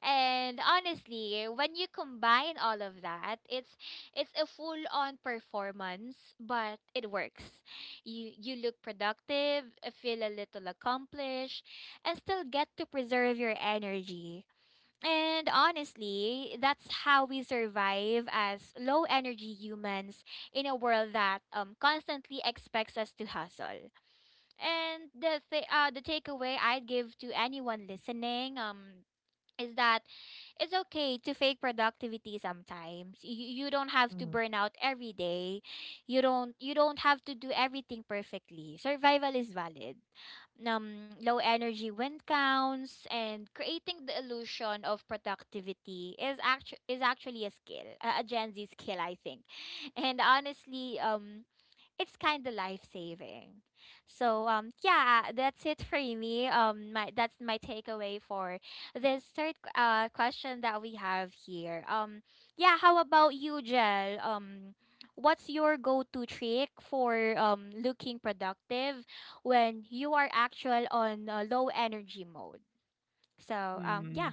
Speaker 1: And honestly, when you combine all of that, it's a full on performance, but it works. You look productive, feel a little accomplished, and still get to preserve your energy. And honestly, that's how we survive as low energy humans in a world that constantly expects us to hustle. And the takeaway I'd give to anyone listening, is that it's okay to fake productivity sometimes. You don't have to
Speaker 2: mhm,
Speaker 1: burn out every day. You don't have to do everything perfectly. Survival is valid. Um, low energy wind counts, and creating the illusion of productivity is is actually a skill, a Gen Z skill, I think. <laughs> And honestly, it's kind of life saving. So yeah, that's it for me. My that's my takeaway for this third question that we have here. Um, yeah, how about you, Jel? Um, what's your go-to trick for looking productive when you are actual on, low energy mode? So yeah.
Speaker 2: mhm.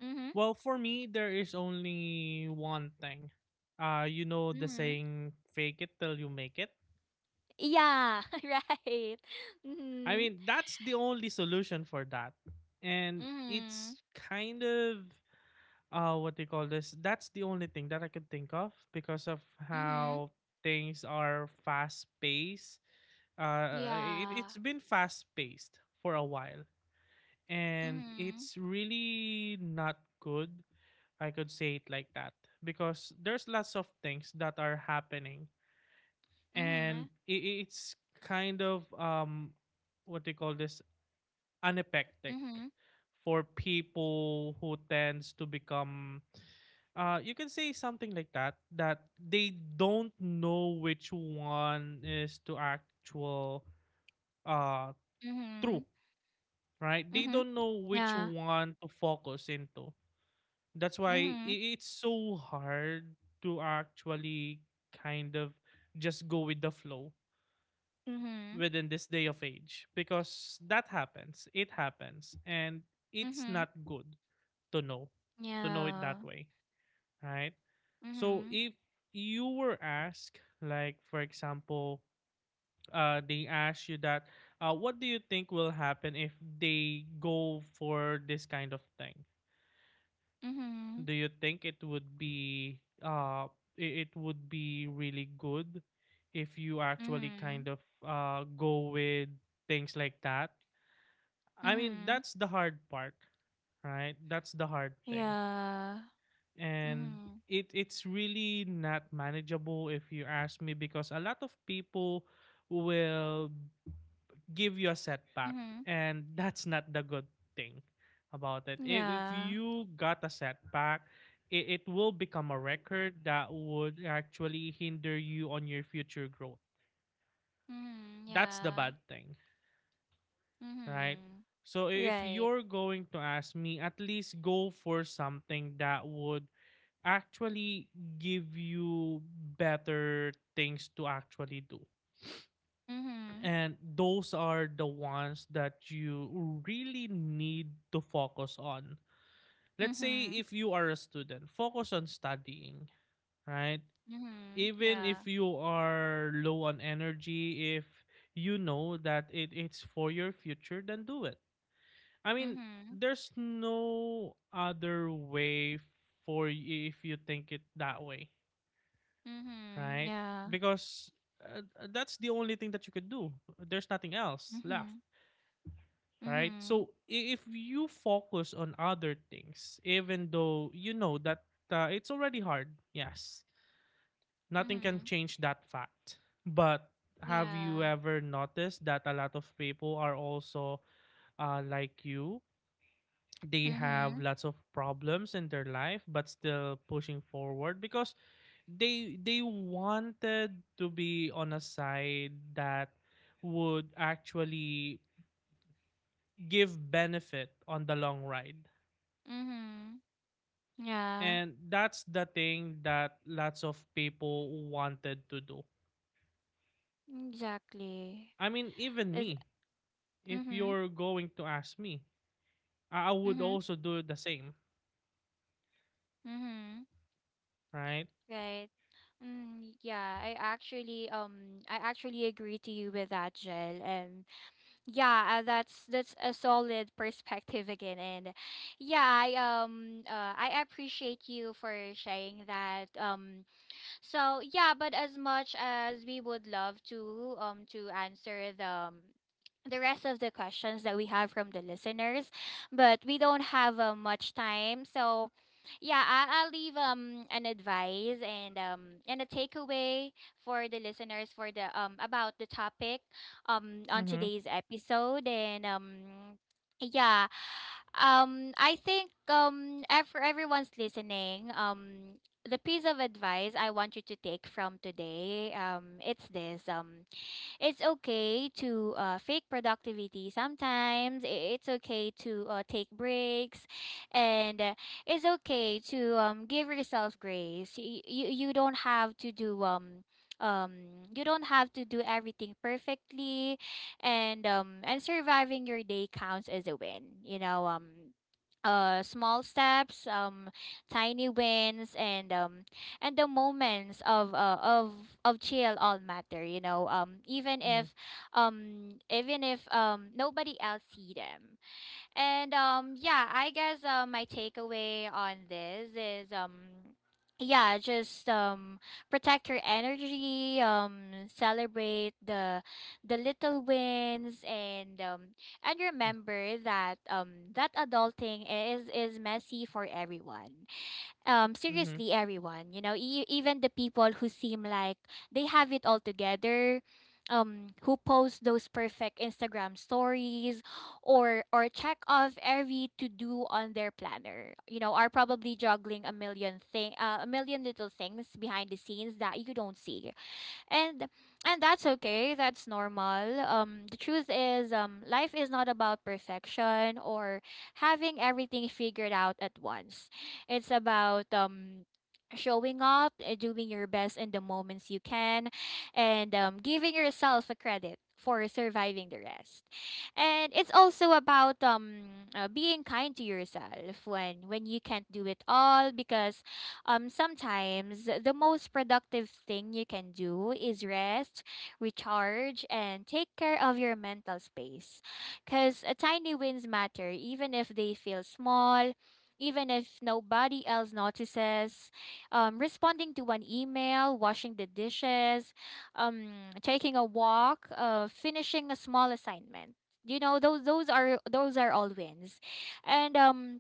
Speaker 1: Mhm.
Speaker 2: Well, for me, there is only one thing. You know the
Speaker 1: Mhm.
Speaker 2: saying, fake it till you make it.
Speaker 1: Yeah, <laughs> right.
Speaker 2: I
Speaker 1: Mhm.
Speaker 2: mean, that's the only solution for that. And
Speaker 1: Mhm.
Speaker 2: it's kind of, what they call this? That's the only thing that I could think of, because of
Speaker 1: Mhm.
Speaker 2: how things are fast paced. It's
Speaker 1: Yeah.
Speaker 2: been fast paced for a while, and
Speaker 1: Mhm.
Speaker 2: it's really not good. I could say it like that because there's lots of things that are happening, and
Speaker 1: Mhm.
Speaker 2: it's kind of, um, what they call this, anapectic,
Speaker 1: Mhm.
Speaker 2: for people who tends to become, uh, you can say something like that, that they don't know which one is to actual, uh, true,
Speaker 1: Mhm.
Speaker 2: right? They
Speaker 1: Mhm.
Speaker 2: don't know which
Speaker 1: Yeah.
Speaker 2: one to focus into. That's why
Speaker 1: Mhm.
Speaker 2: it's so hard to actually kind of just go with the flow
Speaker 1: Mhm.
Speaker 2: within this day of age, because that happens. It happens, and it's
Speaker 1: Mhm.
Speaker 2: not good to know it
Speaker 1: Yeah.
Speaker 2: that way, right? So
Speaker 1: Mhm.
Speaker 2: if you were asked, like, for example, uh, they ask you that, uh, what do you think will happen if they go for this kind of thing?
Speaker 1: Mhm.
Speaker 2: Do you think it would be it would be really good if you actually
Speaker 1: Mhm.
Speaker 2: kind of, uh, go with things like that? I mean,
Speaker 1: Mhm.
Speaker 2: that's the hard part, right? That's the hard thing.
Speaker 1: Yeah.
Speaker 2: And
Speaker 1: Mhm.
Speaker 2: it's really not manageable, if you ask me, because a lot of people will give you a setback,
Speaker 1: Mhm.
Speaker 2: and that's not the good thing about it. If
Speaker 1: Yeah.
Speaker 2: you got a setback, it will become a record that would actually hinder you on your future growth.
Speaker 1: Mhm.
Speaker 2: That's the
Speaker 1: Yeah.
Speaker 2: bad thing, right?
Speaker 1: Mhm.
Speaker 2: So if
Speaker 1: Right.
Speaker 2: you're going to ask me, at least go for something that would actually give you better things to actually do,
Speaker 1: Mhm.
Speaker 2: and those are the ones that you really need to focus on. Let's say
Speaker 1: Mhm.
Speaker 2: if you are a student, focus on studying, right?
Speaker 1: Mhm.
Speaker 2: Even
Speaker 1: Yeah.
Speaker 2: if you are low on energy, if you know that it's for your future, then do it. I mean,
Speaker 1: Mhm.
Speaker 2: there's no other way for you if you think it that way,
Speaker 1: Mhm.
Speaker 2: right?
Speaker 1: Yeah.
Speaker 2: Because, uh, that's the only thing that you could do. There's nothing else left,
Speaker 1: Mhm.
Speaker 2: right?
Speaker 1: Mhm.
Speaker 2: So if you focus on other things, even though you know that, it's already hard, yes, nothing can
Speaker 1: Mhm.
Speaker 2: change that fact. But have you
Speaker 1: Yeah.
Speaker 2: ever noticed that a lot of people are also, like you? They have
Speaker 1: Mhm.
Speaker 2: lots of problems in their life, but still pushing forward because they wanted to be on a side that would actually give benefit on the long ride.
Speaker 1: Mhm. Yeah.
Speaker 2: And that's the thing that lots of people wanted to do.
Speaker 1: Exactly.
Speaker 2: I mean, even
Speaker 1: Is
Speaker 2: me, if
Speaker 1: mhm.
Speaker 2: you're going to ask me, I would
Speaker 1: Mhm.
Speaker 2: also do the same,
Speaker 1: Mhm.
Speaker 2: right?
Speaker 1: Right. Mm, yeah, I actually agree to you with that, Jill. And yeah, that's a solid perspective again. And yeah, I appreciate you for sharing that. Um, so yeah, but as much as we would love to answer the rest of the questions that we have from the listeners, but we don't have, much time. So, yeah, I'll leave an advice and a takeaway for the listeners for the about the topic on
Speaker 2: Mm-hmm.
Speaker 1: today's episode. And yeah I think, for everyone's listening, the piece of advice I want you to take from today, it's this. Um, it's okay to, fake productivity sometimes. It's okay to, take breaks, and it's okay to, give yourself grace. You don't have to do you don't have to do everything perfectly, and surviving your day counts as a win. You know, small steps, tiny wins, and the moments of, of chill, all matter, you know,
Speaker 2: Mm-hmm.
Speaker 1: even if, nobody else see them. And yeah, I guess, my takeaway on this is, yeah, just, protect your energy, celebrate the little wins, and remember that, that adulting is messy for everyone,
Speaker 2: Mm-hmm.
Speaker 1: seriously everyone, you know, even the people who seem like they have it all together, who post those perfect Instagram stories, or check off every to do on their planner. You know, are probably juggling a million thing, a million little things behind the scenes that you don't see, and and that's okay, that's normal. Um, the truth is, life is not about perfection or having everything figured out at once. It's about, showing up, doing your best in the moments you can, and giving yourself a credit for surviving the rest. And it's also about, being kind to yourself when you can't do it all. Because, sometimes the most productive thing you can do is rest, recharge, and take care of your mental space. Because tiny wins matter, even if they feel small, even if nobody else notices. Responding to an email, washing the dishes, taking a walk, finishing a small assignment. You know, those are all wins, and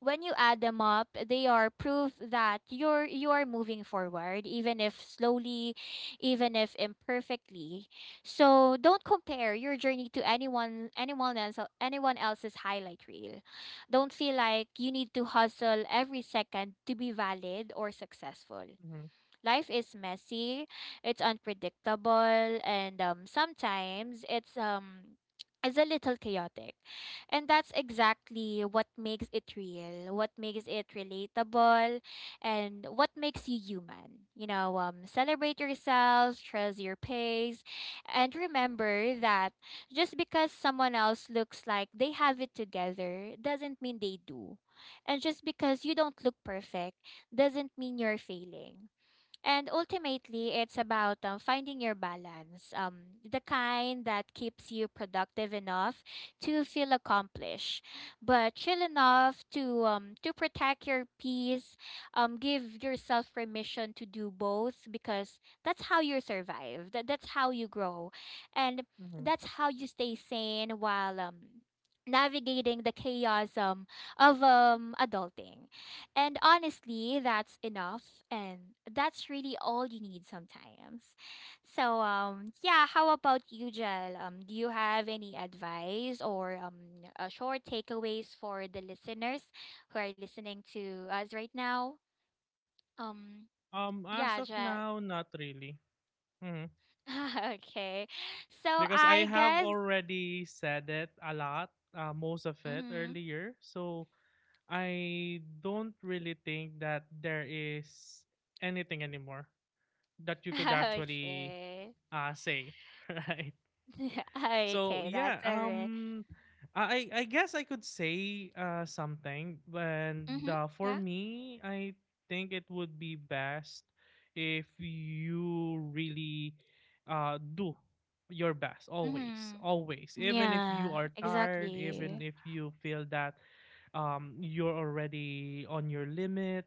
Speaker 1: when you add them up, they are proof that you are moving forward, even if slowly, even if imperfectly. So don't compare your journey to anyone anyone else anyone else's highlight reel. Don't feel like you need to hustle every second to be valid or successful.
Speaker 2: Mm-hmm.
Speaker 1: Life is messy, it's unpredictable, and, sometimes it's it's a little chaotic. And that's exactly what makes it real, what makes it relatable, and what makes you human. You know, celebrate yourself, trust your pace, and remember that just because someone else looks like they have it together doesn't mean they do. And just because you don't look perfect doesn't mean you're failing. And ultimately, it's about, finding your balance, the kind that keeps you productive enough to feel accomplished, but chill enough to, to protect your peace. Give yourself permission to do both, because that's how you survive. That's how you grow, and
Speaker 2: Mm-hmm.
Speaker 1: that's how you stay sane while, navigating the chaos, of adulting. And honestly, that's enough. And that's really all you need sometimes. So, yeah, how about you, Jel? Do you have any advice or, short takeaways for the listeners who are listening to us right now? Um,
Speaker 2: As
Speaker 1: yeah,
Speaker 2: of
Speaker 1: Jel.
Speaker 2: now, not really. Mhm.
Speaker 1: <laughs> Okay. So,
Speaker 2: Because I
Speaker 1: I
Speaker 2: have
Speaker 1: guess.
Speaker 2: already said it a lot, most of it
Speaker 1: Mm-hmm.
Speaker 2: earlier. So I don't really think that there is anything anymore that you could
Speaker 1: <laughs>
Speaker 2: actually,
Speaker 1: Okay.
Speaker 2: say, <laughs> right?
Speaker 1: <laughs>
Speaker 2: So
Speaker 1: Okay,
Speaker 2: yeah, I guess I could say, something, and,
Speaker 1: Mm-hmm.
Speaker 2: for
Speaker 1: Yeah.
Speaker 2: me, I think it would be best if you really, do your best always,
Speaker 1: Mm-hmm.
Speaker 2: always, even if you
Speaker 1: Yeah,
Speaker 2: are tired,
Speaker 1: exactly.
Speaker 2: even if you feel that, you're already on your limit.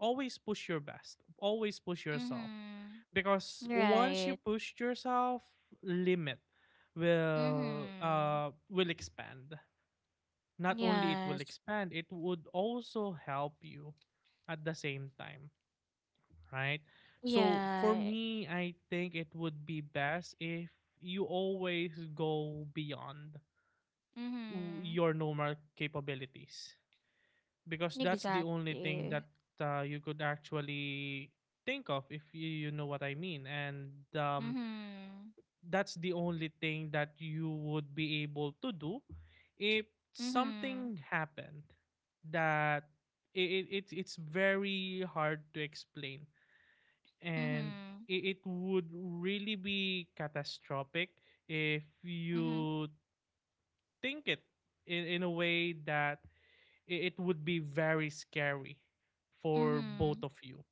Speaker 2: Always push your best, always push yourself,
Speaker 1: Mhm.
Speaker 2: because once you
Speaker 1: Right.
Speaker 2: push yourself, limit
Speaker 1: Mhm.
Speaker 2: will expand. Not only it will
Speaker 1: Yes.
Speaker 2: expand, it would also help you at the same time, right? So for
Speaker 1: Yeah.
Speaker 2: me, I think it would be best if you always go beyond
Speaker 1: Mhm.
Speaker 2: your normal capabilities, because that's the only thing
Speaker 1: Exactly.
Speaker 2: that, you could actually think of, if you, you know what I mean. And, um,
Speaker 1: Mhm.
Speaker 2: that's the only thing that you would be able to do if
Speaker 1: Mhm.
Speaker 2: something happened, that it's very hard to explain. And
Speaker 1: Mhm.
Speaker 2: it would really be catastrophic if
Speaker 1: Mhm.
Speaker 2: you think it in a way that it would be very scary for both
Speaker 1: Mhm.
Speaker 2: of you,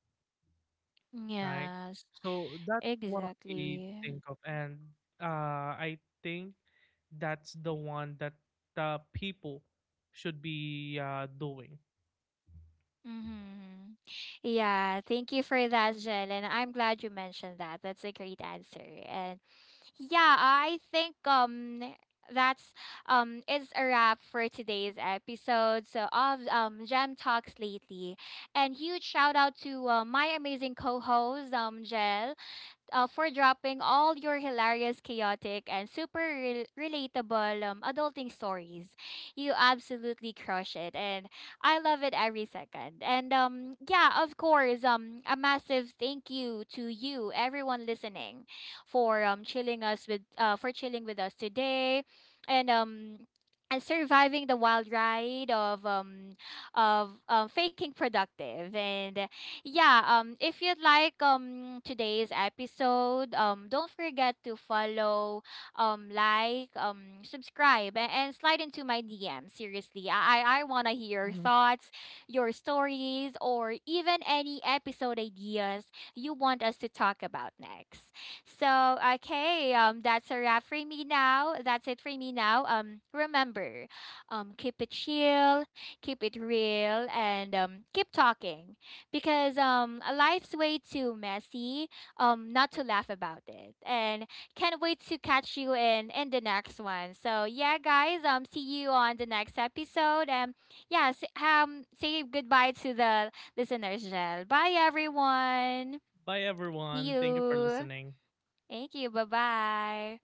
Speaker 2: right?
Speaker 1: Yes.
Speaker 2: So that's what I
Speaker 1: Exactly.
Speaker 2: think of, and, I think that's the one that, people should be, doing.
Speaker 1: Mhm. Yeah, thank you for that, Jen. And I'm glad you mentioned that. That's a great answer. And yeah, I think, that's, it's a wrap for today's episode, so of, Gem Talks lately. And huge shout out to, my amazing co-host, Jel, for dropping all your hilarious, chaotic, and super, relatable, adulting stories. You absolutely crush it, and I love it every second. And, yeah, of course, a massive thank you to you, everyone listening, for, chilling us with for chilling with us today, and um. And surviving the wild ride of, faking productive. And yeah, if you'd like, today's episode, don't forget to follow, like, subscribe, and slide into my DM. Seriously. I wanna hear your
Speaker 2: Mhm.
Speaker 1: thoughts, your stories, or even any episode ideas you want us to talk about next. So okay, that's a wrap for me now. That's it for me now. Um, remember, keep it chill, keep it real, and keep talking, because life's way too messy not to laugh about it. And can't wait to catch you in the next one. So yeah guys, see you on the next episode. And yeah, s say goodbye to the listeners, Jel. Bye everyone,
Speaker 2: Bye,
Speaker 1: see
Speaker 2: everyone. Thank you for
Speaker 1: you,
Speaker 2: listening.
Speaker 1: thank you, bye bye.